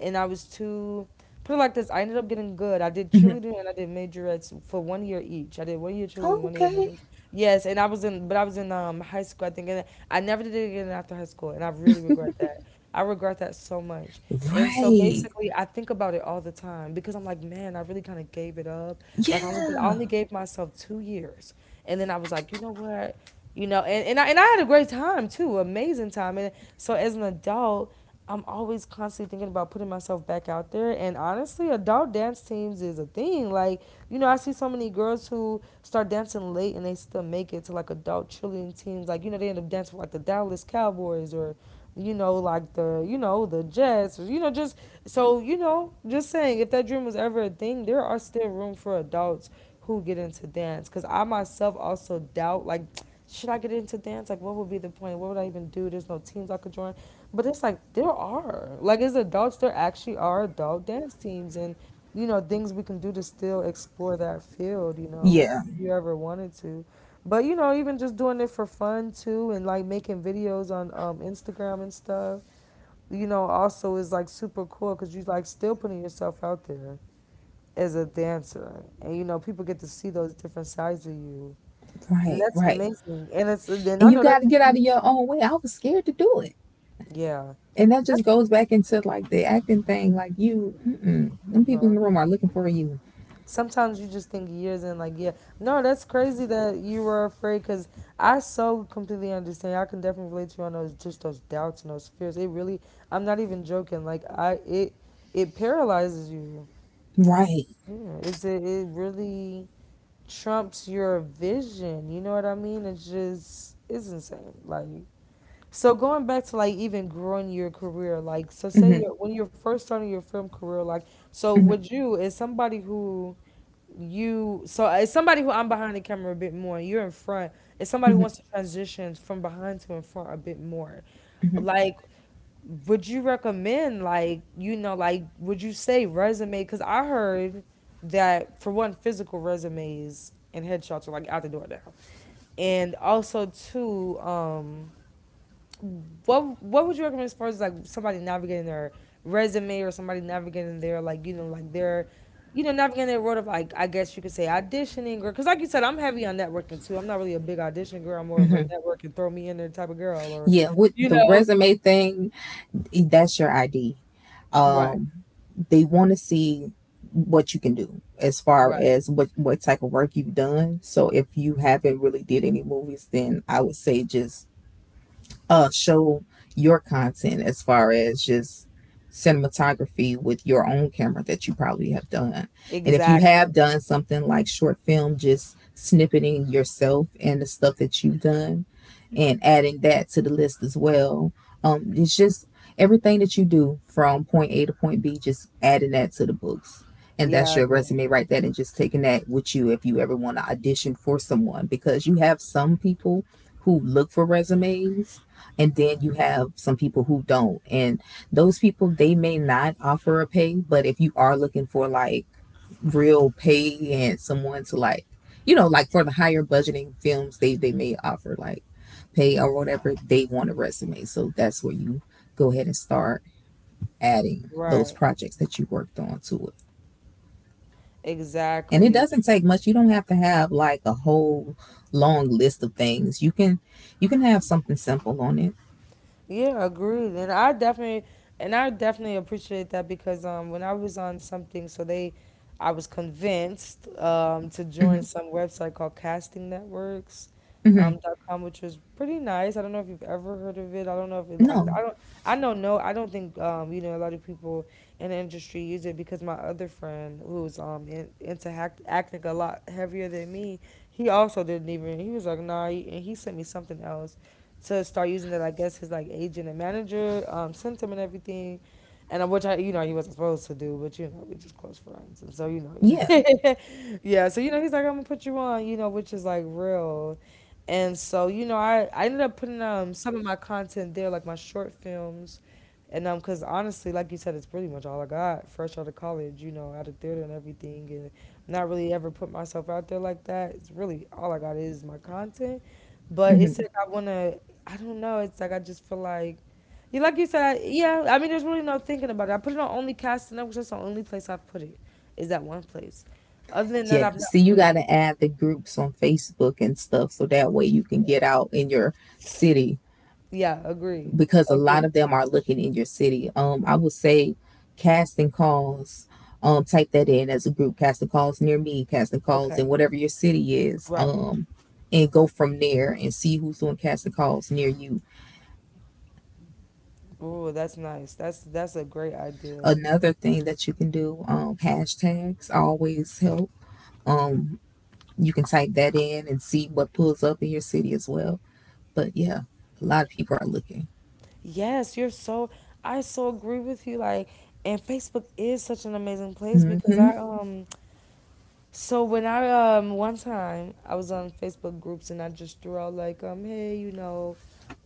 and I was too, put it like this, I ended up getting good. I did cheerleading and I did majorettes for 1 year each. I did 1 year cheerleading, 1 year
Okay,
majorettes. Yes, and I was in, but I was in high school, I think. And I never did it again after high school, and I really regret that. I regret that so much. And so
right,
basically, I think about it all the time because I'm like, man, I really kind of gave it up. Like I only did, I
yeah,
only gave myself 2 years, and then I was like, what? And I had a great time too, amazing time. And so as an adult, I'm always constantly thinking about putting myself back out there. And honestly, adult dance teams is a thing. Like, I see so many girls who start dancing late and they still make it to like adult cheerleading teams. Like, they end up dancing for like the Dallas Cowboys, or, like the Jets, or, just so, just saying if that dream was ever a thing, there are still room for adults who get into dance. Cause I myself also doubt, like, should I get into dance? Like, what would be the point? What would I even do? There's no teams I could join. But it's like, there are. Like, as adults, there actually are adult dance teams and, things we can do to still explore that field,
yeah,
if you ever wanted to. But, even just doing it for fun too and like making videos on Instagram and stuff, also is like super cool because you like still putting yourself out there as a dancer. And, people get to see those different sides of you and
right,
that's
right.
amazing. And it's then I
And you
know
got
that's
to
a
get out
huge
of your own way. I was scared to do it.
yeah.
And that
That's
just goes back into like the acting thing. Like you, mm-mm, them people in
uh-huh.
the room are looking for you,
Sometimes you just think years and like yeah. No, that's crazy that you were afraid because I so completely understand. I can definitely relate to you on those just those doubts and those fears. It really, I'm not even joking. Like I it it paralyzes you.
right?
Yeah. It really trumps your vision. You know what I mean? It's just it's insane. Like, so going back to like even growing your career, like
Hmm.
when you're first starting your film career, like so
Hmm.
would you is somebody who you so as somebody who, I'm behind the camera a bit more, and you're in front. Is somebody who wants to transition from behind to in front a bit more. Like, would you recommend, like would you say resume? Because I heard that, for one, physical resumes and headshots are like out the door now, and also two, what would you recommend as far as like somebody navigating their resume, or somebody navigating their like their navigating their world of like, I guess you could say, auditioning? Or because, like you said, I'm heavy on networking too. I'm not really a big audition girl. I'm more of a
Hmm.
network and throw me in there type of girl. Or
Yeah, with
you
the
know
resume thing, that's your ID.
right,
Um, they want to see what you can do as far
right,
as what type of work you've done. So if you haven't really did any movies, then I would say just show your content as far as just cinematography with your own camera that you probably have done. And if you
exactly.
have done something like short film, just snippeting yourself and the stuff that you've done and adding that to the list as well. It's just everything that you do from point A to point B, just adding that to the books. And that's
Yeah,
your
I
resume right there, and just taking that with you if you ever want to audition for someone because you have some people who look for resumes, and then you have some people who don't. And those people, they may not offer a pay. But if you are looking for like real pay and someone to like, like for the higher budgeting films, they may offer like pay or whatever. They want a resume, so that's where you go ahead and start adding those
right,
projects that you worked on to it. And it
exactly.
doesn't take much. You don't have to have like a whole long list of things. You can have something simple on it.
Yeah, agreed. And I definitely appreciate that, because when I was on something, so they I was convinced to
Hmm.
join some website called Casting Networks
Hmm.
dot com, which was pretty nice. I don't know if you've ever heard of it. I don't know if it like
No.
I don't know. No, I don't think a lot of people in the industry use it, because my other friend who's acting a lot heavier than me, he also didn't even he was like, nah, and he sent me something else to start using that, I guess, his like agent and manager sent him and everything. And which, he wasn't supposed to do, but you know, we're just close friends, and so you
Yeah.
know, yeah. So you know, he's like, I'm gonna put you on, you know, which is like real. And so you know, I ended up putting some of my content there, like my short films, and cause honestly, like you said, it's pretty much all I got, fresh out of college, you know, out of theater and everything, and not really ever put myself out there like that. It's really all I got is my content. But it's
Mm-hmm.
like I wanna I don't know. It's like I just feel like you said, I, yeah. I mean, there's really no thinking about it. I put it on only cast network. 'Cause that's the only place I've put it. Is that one place? Other than that,
Yeah.
I've not
See, you
put
got
it.
to add the groups on Facebook and stuff so that way you can
Yeah.
get out in your city
Yeah. Agree.
because a lot
Agree.
of them are looking in your city. I would say casting calls. Type that in as a group. Casting calls near me. Casting calls in
Okay.
whatever your city is.
Right.
And go from there and see who's doing casting calls near you.
Oh, that's nice. That's a great idea.
Another thing that you can do. Hashtags always help. Um, you can type that in and see what pulls up in your city as well. But yeah, a lot of people are looking.
Yes, you're so. I so agree with you. Like, and Facebook is such an amazing place, because
Hmm.
I so when I one time I was on Facebook groups and I just threw out like, hey, you know,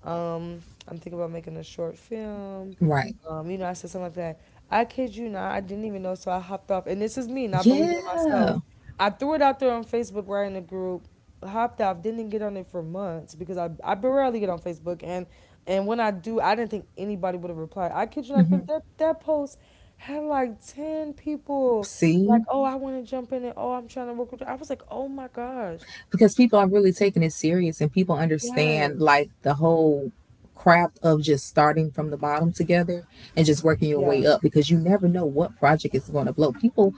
I'm thinking about making a short film,
Right.
you know, I said something like that. I kid you not, I didn't even know, so I hopped off, and this is me not believing in myself.
Yeah.
I threw it out there on Facebook right in the group, hopped off, didn't even get on it for months, because I barely get on Facebook, and when I do, I didn't think anybody would have replied. I kid you not,
Hmm.
that post had like ten people like,
See,
oh, I want to jump in, and oh, I'm trying to work with. I was like, oh my gosh,
because people are really taking it serious, and people understand
yes,
like the whole craft of just starting from the bottom together and just working your
yeah,
way up because you never know what project is going to blow. People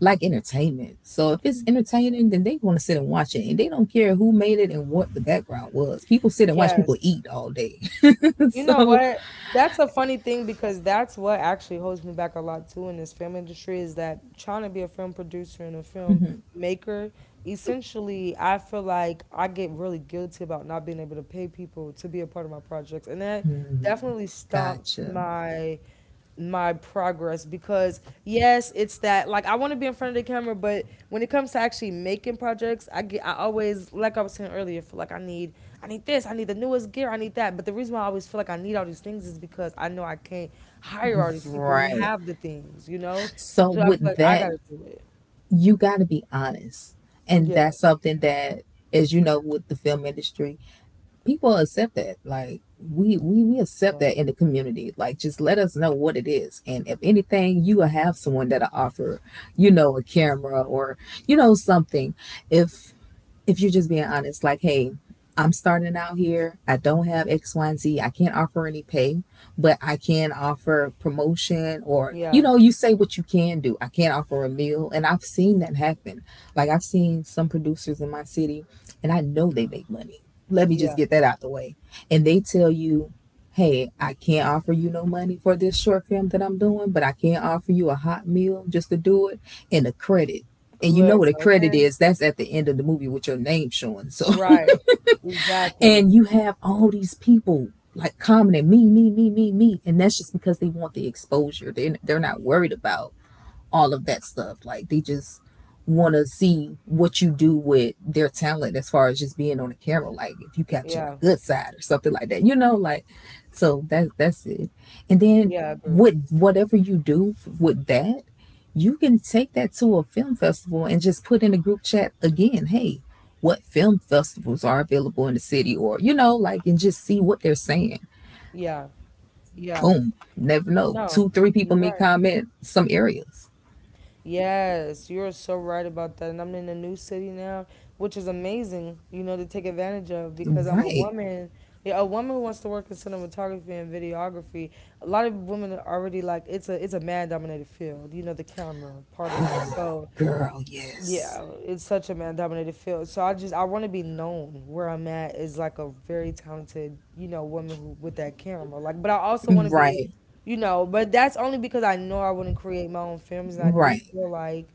like entertainment, so if it's entertaining, then they want to sit and watch it, and they don't care who made it and what the background was. People sit and watch people
yes.
eat all day,
You know
so.
what? That's a funny thing, because that's what actually holds me back a lot too in this film industry, is that trying to be a film producer and a film maker. Essentially, I feel like I get really guilty about not being able to pay people to be a part of my projects, and that
Mhm.
definitely stomps
Gotcha.
my progress, because yes, it's that like, I want to be in front of the camera, but when it comes to actually making projects, I get I always, like I was saying earlier, feel like I need this, I need the newest gear, I need that. But the reason why I always feel like I need all these things is because I know I can't hire all these people who
Right?
have the things, you know,
So
so I feel
with
like I
that,
gotta do it.
you got to be honest. And
Yeah,
that's something that, as you know, with the film industry, people accept that. Like we accept
yeah,
that in the community. Like just let us know what it is. And if anything, you will have someone that'll offer, you know, a camera or, you know, something. If if you're just being honest, like, hey, I'm starting out here. I don't have X, Y, and Z. I can't offer any pay, but I can offer promotion or, you
yeah,
know, you say what you can do. I can't offer a meal. And I've seen that happen. Like, I've seen some producers in my city, and I know they make money. Let me just
yeah,
get that out the way. And they tell you, hey, I can't offer you no money for this short film that I'm doing, but I can offer you a hot meal just to do it, and a credit. And you know what
looks
a credit
okay,
is? That's at the end of the movie with your name showing. So
right, exactly,
and you have all these people like commenting me me me me me, and that's just because they want the exposure. They're not worried about all of that stuff. Like they just want to see what you do with their talent as far as just being on the camera. Like if you capture my
yeah,
good side or something like that, you know, like, so that that's it. And then
yeah, I agree,
with whatever you do with that, you can take that to a film festival and just put in a group chat again. Hey, what film festivals are available in the city, or you know, like, and just see what they're saying.
yeah, yeah,
Boom, never know,
no,
two three
you're
people may
right.
comment some areas.
Yes, you're so right about that. And I'm in a new city now, which is amazing, you know, to take advantage of, because I'm a
Right.
woman. Yeah, a woman who wants to work in cinematography and videography. A lot of women are already like, it's a man dominated field, you know, the camera part of it. So
Girl, yes.
yeah, it's such a man dominated field. So I just I want to be known where I'm at is like a very talented, you know, woman who with that camera. Like, but I also want to be,
Right.
you know, but that's only because I know I want to create my own films, and I do
Right.
feel like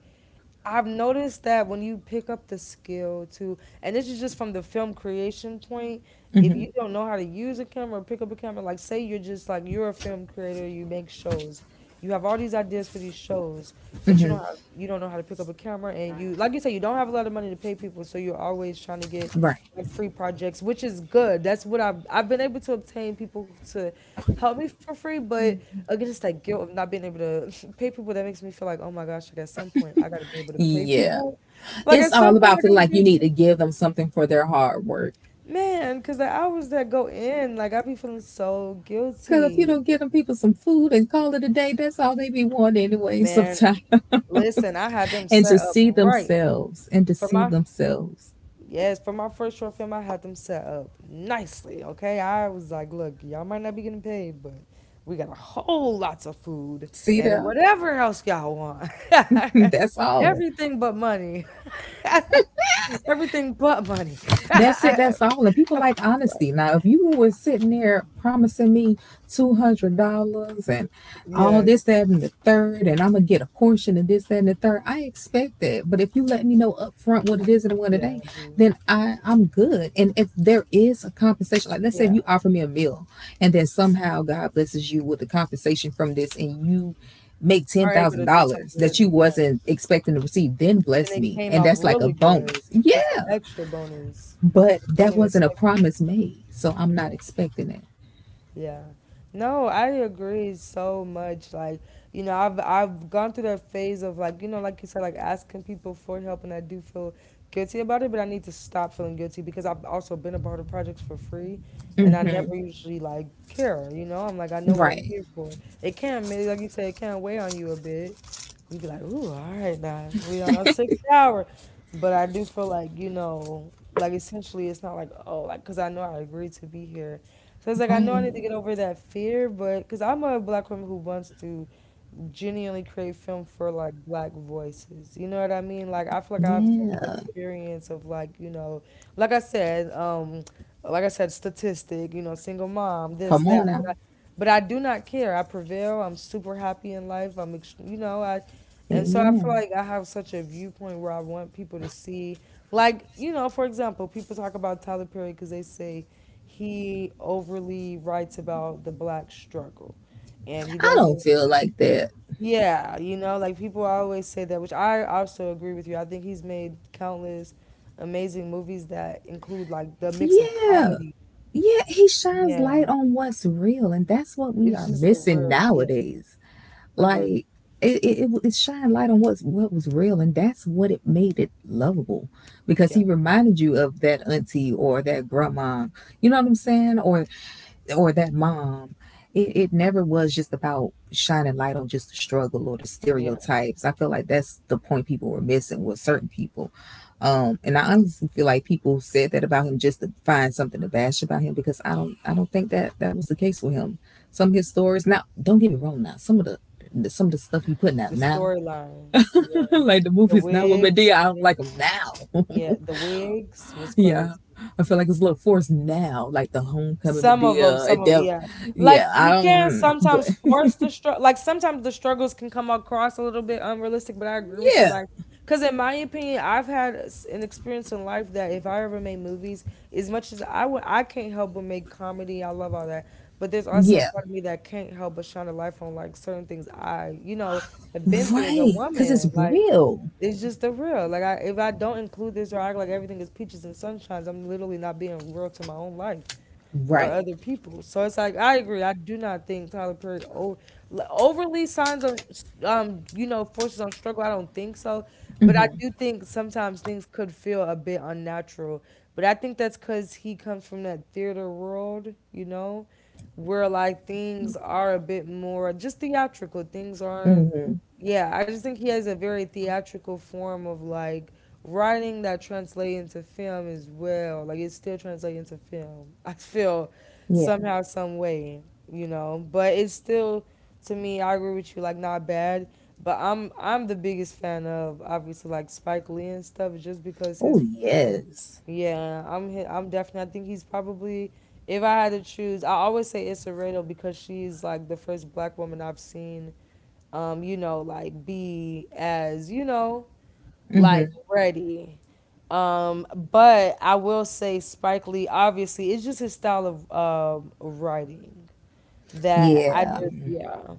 I've noticed that when you pick up the skill to, and this is just from the film creation point, if
Hmm.
you don't know how to use a camera or pick up a camera, like say you're just like, you're a film creator, you make shows, you have all these ideas for these shows, but you don't know how to pick up a camera. And you, like you say, you don't have a lot of money to pay people, so you're always trying to get
Right.
like free projects, which is good. That's what I've been able to obtain people to help me for free. But again, it's that guilt of not being able to pay people that makes me feel like, oh my gosh, like at some point I gotta be able to pay
Yeah.
people, like at
It's
some
all
point I
about feeling
gotta be
like you need
able to,
to give them something for their hard work.
man, because the hours that go in, like I be feeling so
Because if you
guilty,
don't give them people some food and call it a day, that's all they be wanting anyway
man,
sometimes.
listen, I had them
And to
set up
see
right
themselves and to
for
see
my,
themselves.
yes, for my first short film, I had them set up nicely. Okay, I was like, look, y'all might not be getting paid, but we got a whole lots of food
See
and
that?
whatever else y'all want.
That's all.
Everything but money. Everything but money.
That's it. That's all. And people like
Right.
honesty. Now, if you were sitting there promising me $200, and all
Yeah.
this, that, and the third, and I'm gonna get a portion of this, that, and the third, I expect that. But if you let me know upfront what it is and what it
Yeah.
ain't,
Mhm.
then I'm good. And if there is a compensation, like let's say if
Yeah.
you offer me a meal, and then somehow God blesses you with the compensation from this, and you make ten
Are able
thousand
to do
dollars
something
that you
later. Yeah.
wasn't expecting to receive, then bless
And it
me, and
came off
that's like a
really good.
bonus. Yeah,
That's the extra bonus.
but
'Cause you
that
wouldn't even
wasn't a
expect
promise made, so I'm not
it.
expecting it.
Yeah. No, I agree so much. Like, you know, I've gone through that phase of like, you know, like you said, like asking people for help, and I do feel guilty about it, but I need to stop feeling guilty, because I've also been a part of projects for free, and I
Hmm.
never usually like care, you know? I'm like, I know what I'm
Right,
here for. It can maybe, like you said, it can weigh on you a bit. You'd be like, ooh, all right now, we on our sixth hour. But I do feel like, you know, like essentially it's not like, oh, like, cause I know I agreed to be here, so it's like I know I need to get
right,
over that fear. But because I'm a black woman who wants to genuinely create film for like black voices. You know what I mean? Like I feel like I have such an
yeah.
experience of like, you know, like I said, like I said, statistic, you know, single mom, this,
Come on
that,
now,
but I do not care. I prevail. I'm super happy in life. I'm ex- you know, I, and so I feel
amen.
like I have such a viewpoint where I want people to see like, you know, for example, people talk about Tyler Perry, cuz they say he overly writes about the black struggle, and he
I don't
doesn't.
feel like that.
Yeah, you know, like people always say that, which I also agree with you. I think he's made countless amazing movies that include like the mix of
Yeah,
comedy.
yeah. He shines
Yeah,
light on what's real, and that's what we
it's
are
just the
missing
real. Yeah,
nowadays.
agreed.
Like it shined light on what was real, and that's what it made it lovable, because
Yeah,
he reminded you of that auntie or that grandma. You know what I'm saying? Or that mom. It never was just about shining light on just the struggle or the
yeah.
stereotypes. I feel like that's the point people were missing with certain people. And I honestly feel like people said that about him just to find something to bash about him because I don't think that that was the case with him. Some of his stories now, don't get me wrong now, some of the stuff he putting out
The
now,
storylines. Yeah,
like the
the
movies now with Medea,
wigs.
I don't like them now.
Yeah, the wigs was
Yeah,
crazy.
I feel like it's a little forced now, like the homecoming
Some of them,
Medea
some
at
of
Def.
yeah.
Yeah,
Like
I
he
don't,
can
but
sometimes force the struggle. Like sometimes the struggles can come across a little bit unrealistic, but I agree with you.
yeah,
Like, cause in my opinion, I've had s- an experience in life that if I ever made movies, as much as I would, I can't help but make comedy. I love all that, but there's also a
yeah,
part of me that can't help but shine a light on like certain things I, you know, have been through as a
right, because it's
woman. Like
real,
it's just the real. Like I, if I don't include this or act like everything is peaches and sunshines, I'm literally not being real to my own life or
right?
other people. So it's like I agree. I do not think Tyler Perry overly signs on, forces on struggle. I don't think so, but I do think sometimes things could feel a bit unnatural. But I think that's because he comes from that theater world, you know, where like things are a bit more just theatrical. Things aren't yeah, I just think he has a very theatrical form of like writing that translates into film as well. Like it's still translating into film. I feel
Yeah.
somehow, some way, you know. But it's still to me, I agree with you, like not bad. But I'm the biggest fan of obviously like Spike Lee and stuff just because
Oh
his form of
yes.
yeah, I'm definitely I think he's probably if I had to choose, I always say Issa Rae because she's like the first black woman I've seen like be as, like
Mm-hmm.
ready. But I will say Spike Lee, obviously, it's just his style of writing that I
Yeah.
just yeah.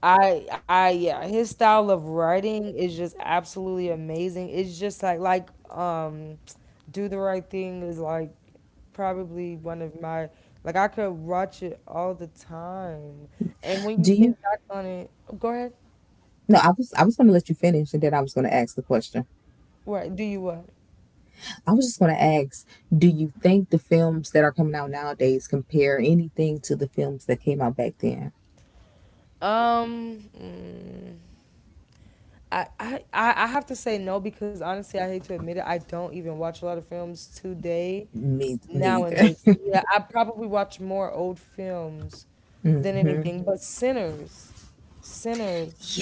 I yeah, his style of writing is just absolutely amazing. It's just like Do the Right Thing is like probably one of my like I could watch it all the time. And when you
Do you?
think back on it, go ahead.
No, I was going to let you finish, and then I was going to ask the question.
What do you what?
I was just going to ask, do you think the films that are coming out nowadays compare anything to the films that came out back then?
Um, mm, I have to say no because honestly, I hate to admit it. I don't even watch a lot of films today
Me neither.
nowadays. Yeah, I probably watch more old films than
Hmm.
anything. But Sinners,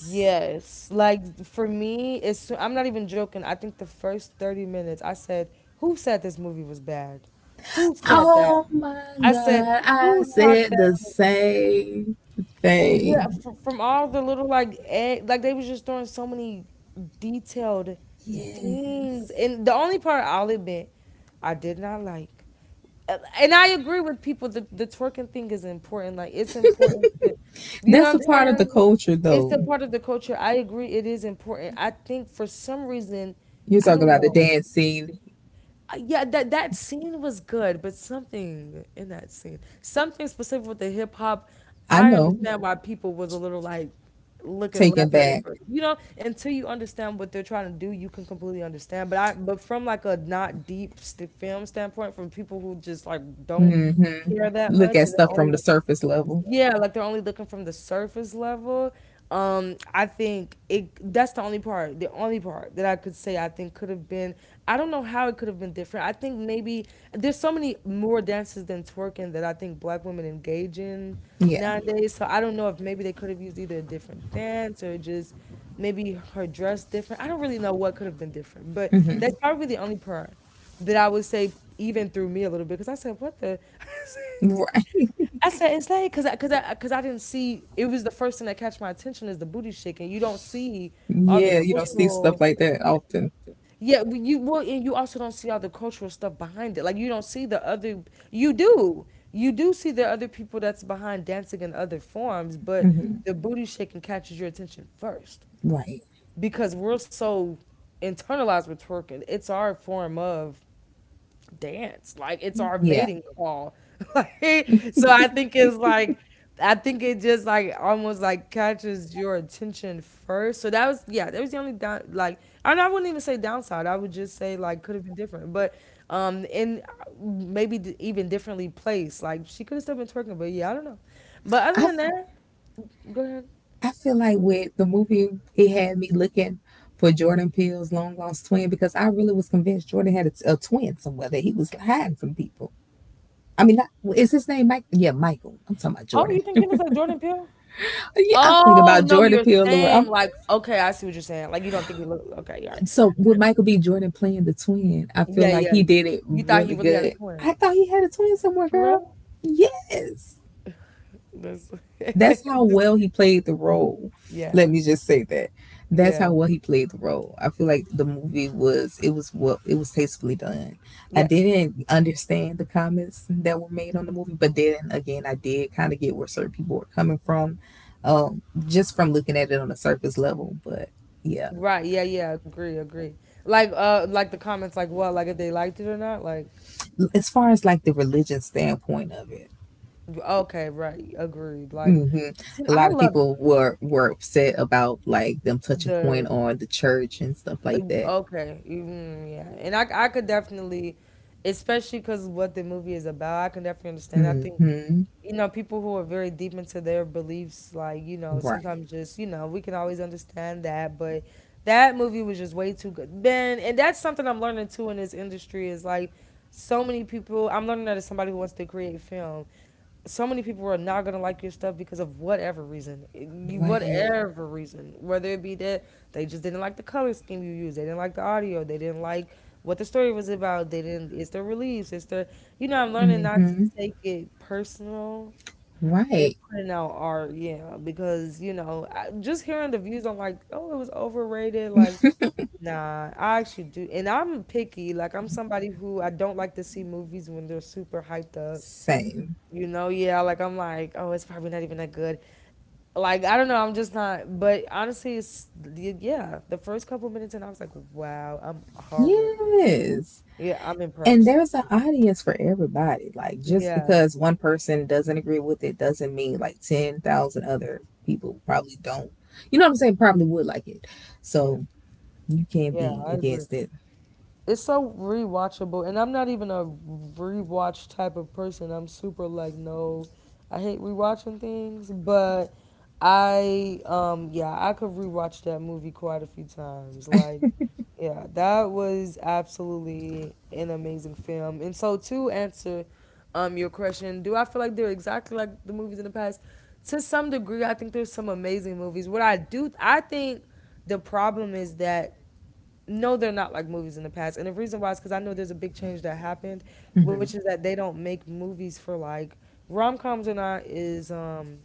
yes. Like for me, it's I'm not even joking. I think the first 30 minutes, I said, "Who said this movie was bad? Who said that?"
Oh my
I said,
God. I
"Who talked
said the
that?"
same
Yeah,
thing.
from all the little like egg, like they was just throwing so many detailed things,
Yes.
and the only part I'll admit I did not like, and I agree with people that the twerking thing is important. Like it's important to, you
That's
know what
a
I'm
part of the
saying?
culture,
It's
though.
a part of the culture. I agree, it is important. I think for some reason,
You're
I
talking
don't
about the
know.
dancing.
Yeah, that scene was good, but something in that scene, something specific with the hip hop,
I
I
know.
understand why people was a little like looking
Taken
left at it.
back.
First. You know, until you understand what they're trying to do, you can completely understand. But from like a not deep st- film standpoint, from people who just like don't
Mm-hmm.
care that
Look
much
at
and they're
stuff
only
from the
like
surface level.
yeah, like they're only looking from the surface level. I think it that's the only part that I could say I think could have been. I don't know how it could have been different. I think maybe there's so many more dances than twerking that I think black women engage in
Yeah.
nowadays. So I don't know if maybe they could have used either a different dance or just maybe her dress different. I don't really know what could have been different, but
Hmm.
that's probably the only part that I would say even threw me a little bit because I said, "What the?"
Right.
I said it's like didn't see it was the first thing that catch my attention is the booty shaking. You don't see all the
Yeah. You don't see
cultural.
stuff like that often.
Yeah, well, and you also don't see all the cultural stuff behind it. Like you don't see the other. You do, you do see the other people that's behind dancing in other forms,
Mm
but
hmm.
the booty shaking catches your attention first
Right.
because we're so internalized with twerking. It's our form of dance. Like it's our
Yeah.
mating call. Like so I think it's like I think it just like almost like catches your attention first. So that was yeah, that was the only down like and I wouldn't even say downside. I would just say like could have been different. But and maybe even differently placed. Like she could have still been twerking, but yeah, I don't know. But other
I
than that, go ahead.
I feel like with the movie, it had me looking for Jordan Peele's long lost twin because I really was convinced Jordan had a twin somewhere that he was hiding from people. I mean, not, is his name Mike? Yeah, Michael. I'm talking about
Oh,
Jordan.
you think he looks like Jordan Peele?
Yeah, I'm thinking
Oh
about
no,
Jordan
you're
Peele, Lord.
saying
I'm,
like okay, I see what you're saying. Like you don't think he look okay, all
so
right.
with Michael B. Jordan playing the twin, I feel
Yeah,
like
yeah.
he did it
You thought he
really
really had a
good.
twin.
I thought he had a twin somewhere,
For
girl.
real?
Yes.
That's
That's how
just,
well he played the role.
yeah,
Let
Mm.
me just say that. That's how
Yeah.
well he played the role. I feel like the movie was what it was, tastefully done. I
Yeah.
didn't understand the comments that were made on the movie, but then again, I did kind of get where certain people were coming from, just from looking at it on a surface level. But yeah,
Right. Yeah, yeah. Agree, agree. Like the comments like what, like if they liked it or not? Like
as far as like the religion standpoint of it,
okay, right. Agreed. Like
hmm
see,
a
I
lot of
loved
people were upset about like them touching point
the
on the church and stuff like that.
Okay. Yeah. And I could definitely, especially because what the movie is about, I can definitely understand. I think,
Hmm.
you know, people who are very deep into their beliefs, like, you know,
Right.
sometimes just, you know, we can always understand that. But that movie was just way too good. Ben, and that's something I'm learning too in this industry is like, so many people, I'm learning that as somebody who wants to create film so many people are not gonna like your stuff because of whatever reason,
Right.
whatever reason, whether it be that they just didn't like the color scheme you used, they didn't like the audio, they didn't like what the story was about, they didn't. It's their release, it's their. You know, I'm learning not to
Mm-hmm.
take it personal and
Right.
putting out art, yeah, because you know, just hearing the views on like, oh, it was overrated, like. Nah, I actually do. And I'm picky. Like, I'm somebody who I don't like to see movies when they're super hyped up
Same.
you know yeah like I'm like oh it's probably not even that good like I don't know I'm just not but honestly it's yeah the first couple minutes and I was like wow I'm already
Yes.
yeah I'm
And
impressed
there's an audience for everybody. Like just
yeah
because one person doesn't agree with it doesn't mean like 10,000 other people probably don't. You know what I'm saying? Probably would like it.
yeah
So you can't
yeah
be
I agree
against it.
it's so rewatchable, and I'm not even a rewatch type of person. I'm super like no, I hate rewatching things, but I yeah, I could rewatch that movie quite a few times. Like yeah, that was absolutely an amazing film. And so to answer your question, do I feel like they're exactly like the movies in the past? To some degree, I think there's some amazing movies. What I do I think the problem is that no, they're not like movies in the past. And the reason why is because I know there's a big change that happened, which
Hmm.
is that they don't make movies for like rom coms or not is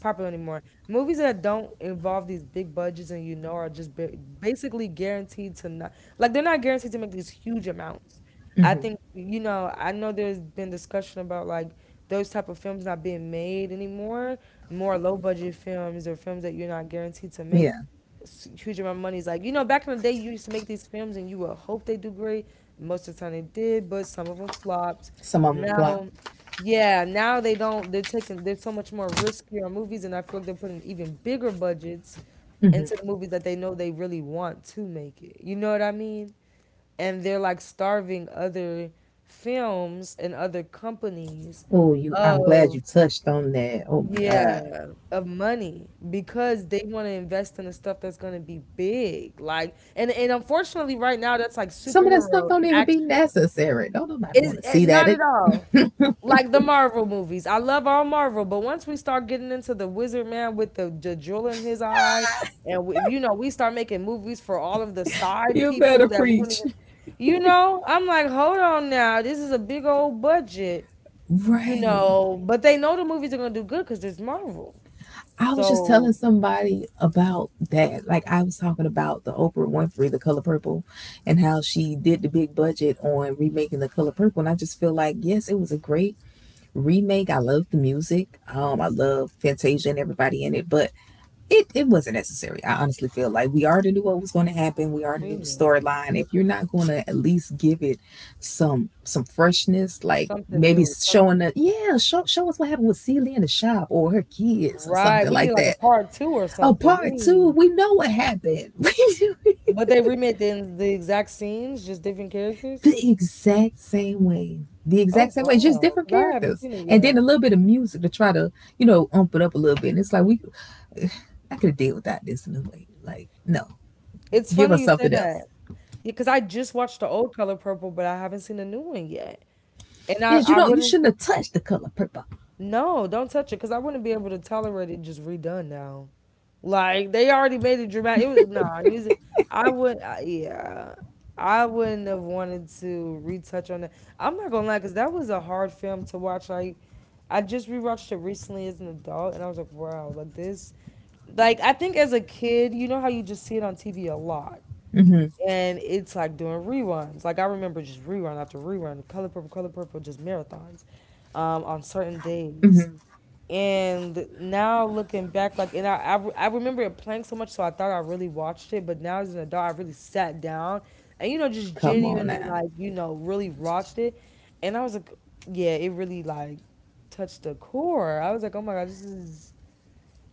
popular anymore. Movies that don't involve these big budgets and you know are just basically guaranteed to not like they're not guaranteed to make these huge amounts. I
Hmm.
think you know I know there's been discussion about like those type of films not being made anymore, more low budget films or films that you're not guaranteed to make
Yeah.
huge amount of money. It's like you know back in the day you used to make these films and you would hope they do great. Most of the time they did, but some of them flopped.
Some of them flop.
Now yeah, now they don't, they're so much more riskier on movies, and I feel like they're putting even bigger budgets into the movies that they know they really want to make it. You know what I mean? And they're like starving other films and other companies
Oh, you. I'm glad
of,
you touched on that. Oh my God.
yeah, of money because they want to invest in the stuff that's going to be big. Like, and unfortunately, right now, that's like
Some of that stuff
superhero
don't even be
action.
necessary. Don't nobody
Is
want to
eh,
see that.
not at all like the Marvel movies. I love all Marvel, but once we start getting into the Wizard Man with the drill in his eye, and we, you know, we start making movies for all of the side
You
people
better
that we don't even,
preach.
you know, I'm like, hold on now, this is a big old budget, you
Right.
know, but they know the movies are gonna do good because there's Marvel.
I was just telling
So
somebody about that. Like I was talking about the Oprah Winfrey, The Color Purple, and how she did the big budget on remaking The Color Purple. And I just feel like, yes, it was a great remake. I love the music. I love Fantasia and everybody in it. But it wasn't necessary. I honestly feel like we already knew what was going to happen. We already
we
knew the
knew
storyline. If you're not going to at least give it some freshness, like
something
maybe
new,
showing
something
that, yeah, show us what happened with Celia in the shop or her kids or
right.
something
We need
like
like a
that.
part two or
Oh,
something. We
part two,
need,
we know what happened. The
but they remade the exact scenes, just different characters.
exact same way. The
Oh
exact same way, just
wow,
different
because I haven't
characters,
seen it
and then a
yet.
little bit of music to try to, you know, ump it up a little bit. And it's like we, I could have did without this in a way. Like, no,
It's
give
funny
us
you say
something
that.
else.
Yeah, because I just watched the old Color Purple, but I haven't seen the new one yet. And
Yes, you
I
don't. You
wouldn't,
shouldn't have touched the color purple.
no, don't touch it, because I wouldn't be able to tolerate it just redone now. Like they already made it dramatic. It was nah, it was. Yeah, I wouldn't have wanted to retouch on that. I'm not gonna lie, because that was a hard film to watch. Like I just rewatched it recently as an adult, and I was like, wow, like this. Like I think as a kid, you know how you just see it on TV a lot, and it's like doing reruns. Like I remember just rerun after rerun, Color Purple, Color Purple, just marathons on certain days. And now looking back, like, and I, re- I remember it playing so much, so I thought I really watched it. But now as an adult, I really sat down and, you know, just
Come on
genuinely,
now.
like, you know, really watched it. And I was like, yeah, it really, like, touched the core. I was like, oh my God,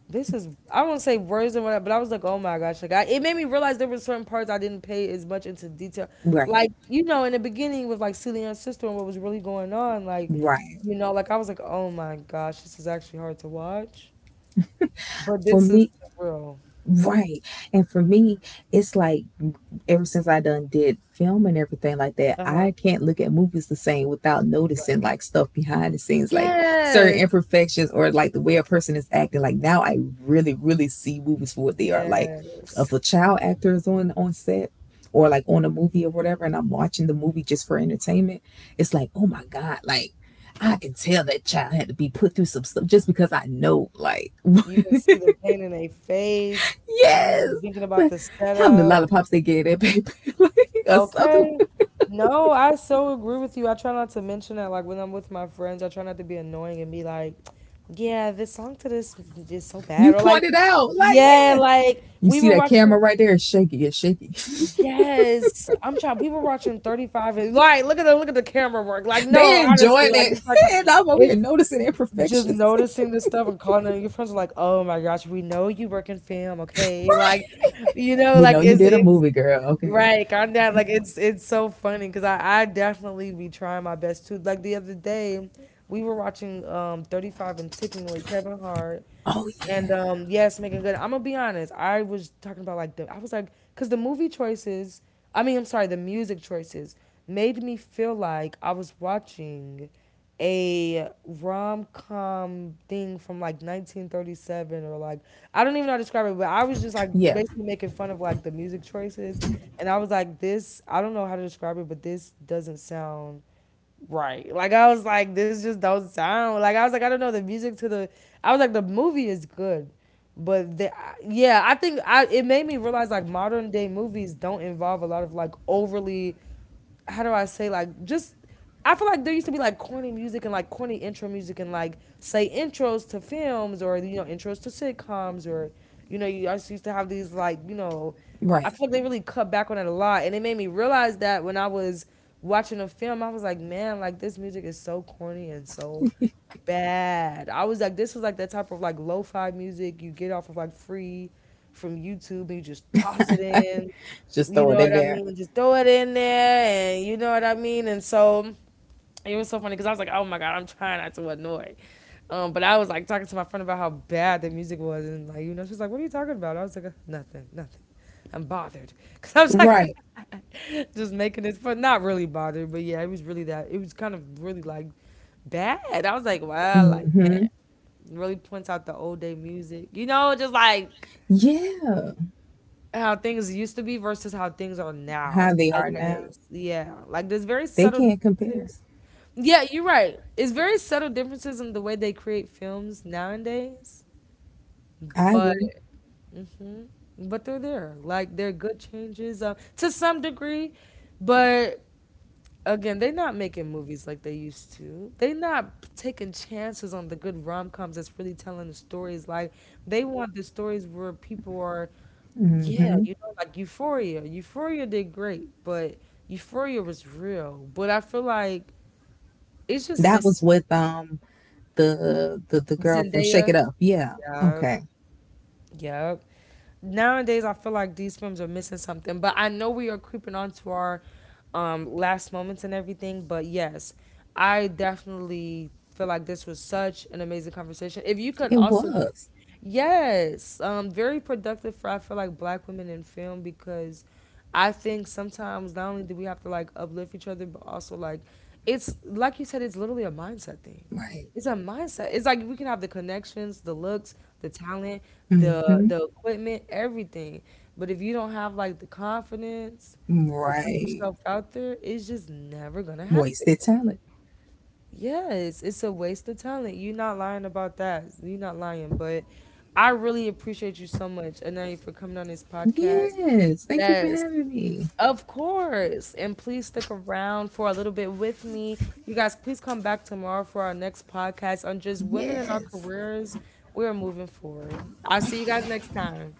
this is I won't say worse than what, I, but I was like, oh my gosh, like I, it made me realize there were certain parts I didn't pay as much into detail.
Right.
Like you know, in the beginning with like Celia's sister and what was really going on, like
Right.
you know, like I was like, oh my gosh, this is actually hard to watch, but
For
this is
me,
the real.
right. And for me, it's like ever since I done did film and everything like that,
Uh huh.
I can't look at movies the same without
Right.
noticing like stuff behind the scenes, like certain
Yes.
imperfections or like the way a person is acting. Like now I really, really see movies for what they are. Like if
Yes.
a child actor is on set or like on a movie or whatever, and I'm watching the movie just for entertainment, it's like, oh my God, like I can tell that child had to be put through some stuff just because I know like
You can see the pain in their face. You
yes.
you thinking about
But
the
how many
setup.
lollipops they gave that baby, like, or something.
Okay. No, I so agree with you. I try not to mention that. Like when I'm with my friends, I try not to be annoying and be like, "Yeah, this song to this is so
You
bad," or like,
pointed out, like,
"Yeah,
yes.
like
You
we
see
were
that
watching."
camera right there? It's shaky. It's shaky.
Yes, I'm trying. We were watching 35 and like, look at the camera work. Like,
They
no, honestly,
enjoying
like
it,
it's like a,
and I'm over here
it's
noticing
just
imperfections.
noticing this stuff and calling it. Your friends are like, "Oh my gosh, we know you work in film, okay?" Like, you know,
We
like
know you
it's
did a
it's
movie, girl. Okay.
right, calm down. Like it's so funny because I definitely be trying my best too. Like the other day, we were watching 35 and Ticking with Kevin Hart,
Oh yeah.
and yes, making good. I'm gonna be honest. I was talking about like the. I was like, cause the movie choices. I mean, I'm sorry, the music choices made me feel like I was watching a rom com thing from like 1937, or like I don't even know how to describe it, but I was just like
Yeah.
basically making fun of like the music choices, and I was like, this. I don't know how to describe it, but this doesn't sound right. Like I was like, this just don't sound like I was like, I don't know the music to the. I was like, the movie is good, but the, yeah, I think I it made me realize like modern day movies don't involve a lot of like overly how do I say like just I feel like there used to be like corny music and like corny intro music and like say intros to films, or you know intros to sitcoms, or you know you also used to have these like you know
Right.
I feel like they really cut back on it a lot, and it made me realize that when I was watching a film I was like man like this music is so corny and so bad. I was like this was like that type of like lo-fi music you get off of like free from YouTube and you just toss it in,
Just
you
throw
know
it in
what I
there.
mean? Just throw it in there, and you know what I mean. And so it was so funny because I was like, "Oh my god, I'm trying not to annoy." But I was like talking to my friend about how bad the music was, and like you know, she's like, "What are you talking about?" I was like, nothing, nothing." I'm bothered because I was like,
Right.
just making this fun. Not really bothered, but yeah, it was really that. It was kind of really like bad. I was like, "Wow, like
Mm-hmm.
that." Really points out the old day music, you know, just like
Yeah.
how things used to be versus how things are
How
now,
they
I
are now,
guess. Yeah. Like there's very
they
subtle
can't compare.
differences. Yeah, you're right. It's very subtle differences in the way they create films nowadays,
I
but
agree.
hmm but they're there. Like they're good changes to some degree, but again, they're not making movies like they used to. They're not taking chances on the good rom coms that's really telling the stories. Like they want the stories where people are yeah,
Mm-hmm.
you know, like Euphoria. Euphoria did great, but Euphoria was real. But I feel like it's just
That
missing
was with the girl from Shake It
Zendaya.
Up. Yeah.
Yep,
Okay.
yep. Nowadays, I feel like these films are missing something. But I know we are creeping onto our last moments and everything. But yes, I definitely feel like this was such an amazing conversation. If you could
It
also
was.
yes, very productive for I feel like black women in film because I think sometimes not only do we have to like uplift each other, but also like it's like you said, it's literally a mindset thing.
Right.
It's a mindset. It's like we can have the connections, the looks, the talent, the
Mm-hmm.
the equipment, everything. But if you don't have like the confidence to put
Right.
yourself out there, it's just never gonna happen.
Wasted talent.
Yes, it's a waste of talent. You're not lying about that. You're not lying, but I really appreciate you so much, Anani, for coming on this podcast.
Yes. Thank you for
Yes,
having me.
of course. And please stick around for a little bit with me. You guys, please come back tomorrow for our next podcast on just women in our
Yes.
careers. We're moving forward. I'll see you guys next time.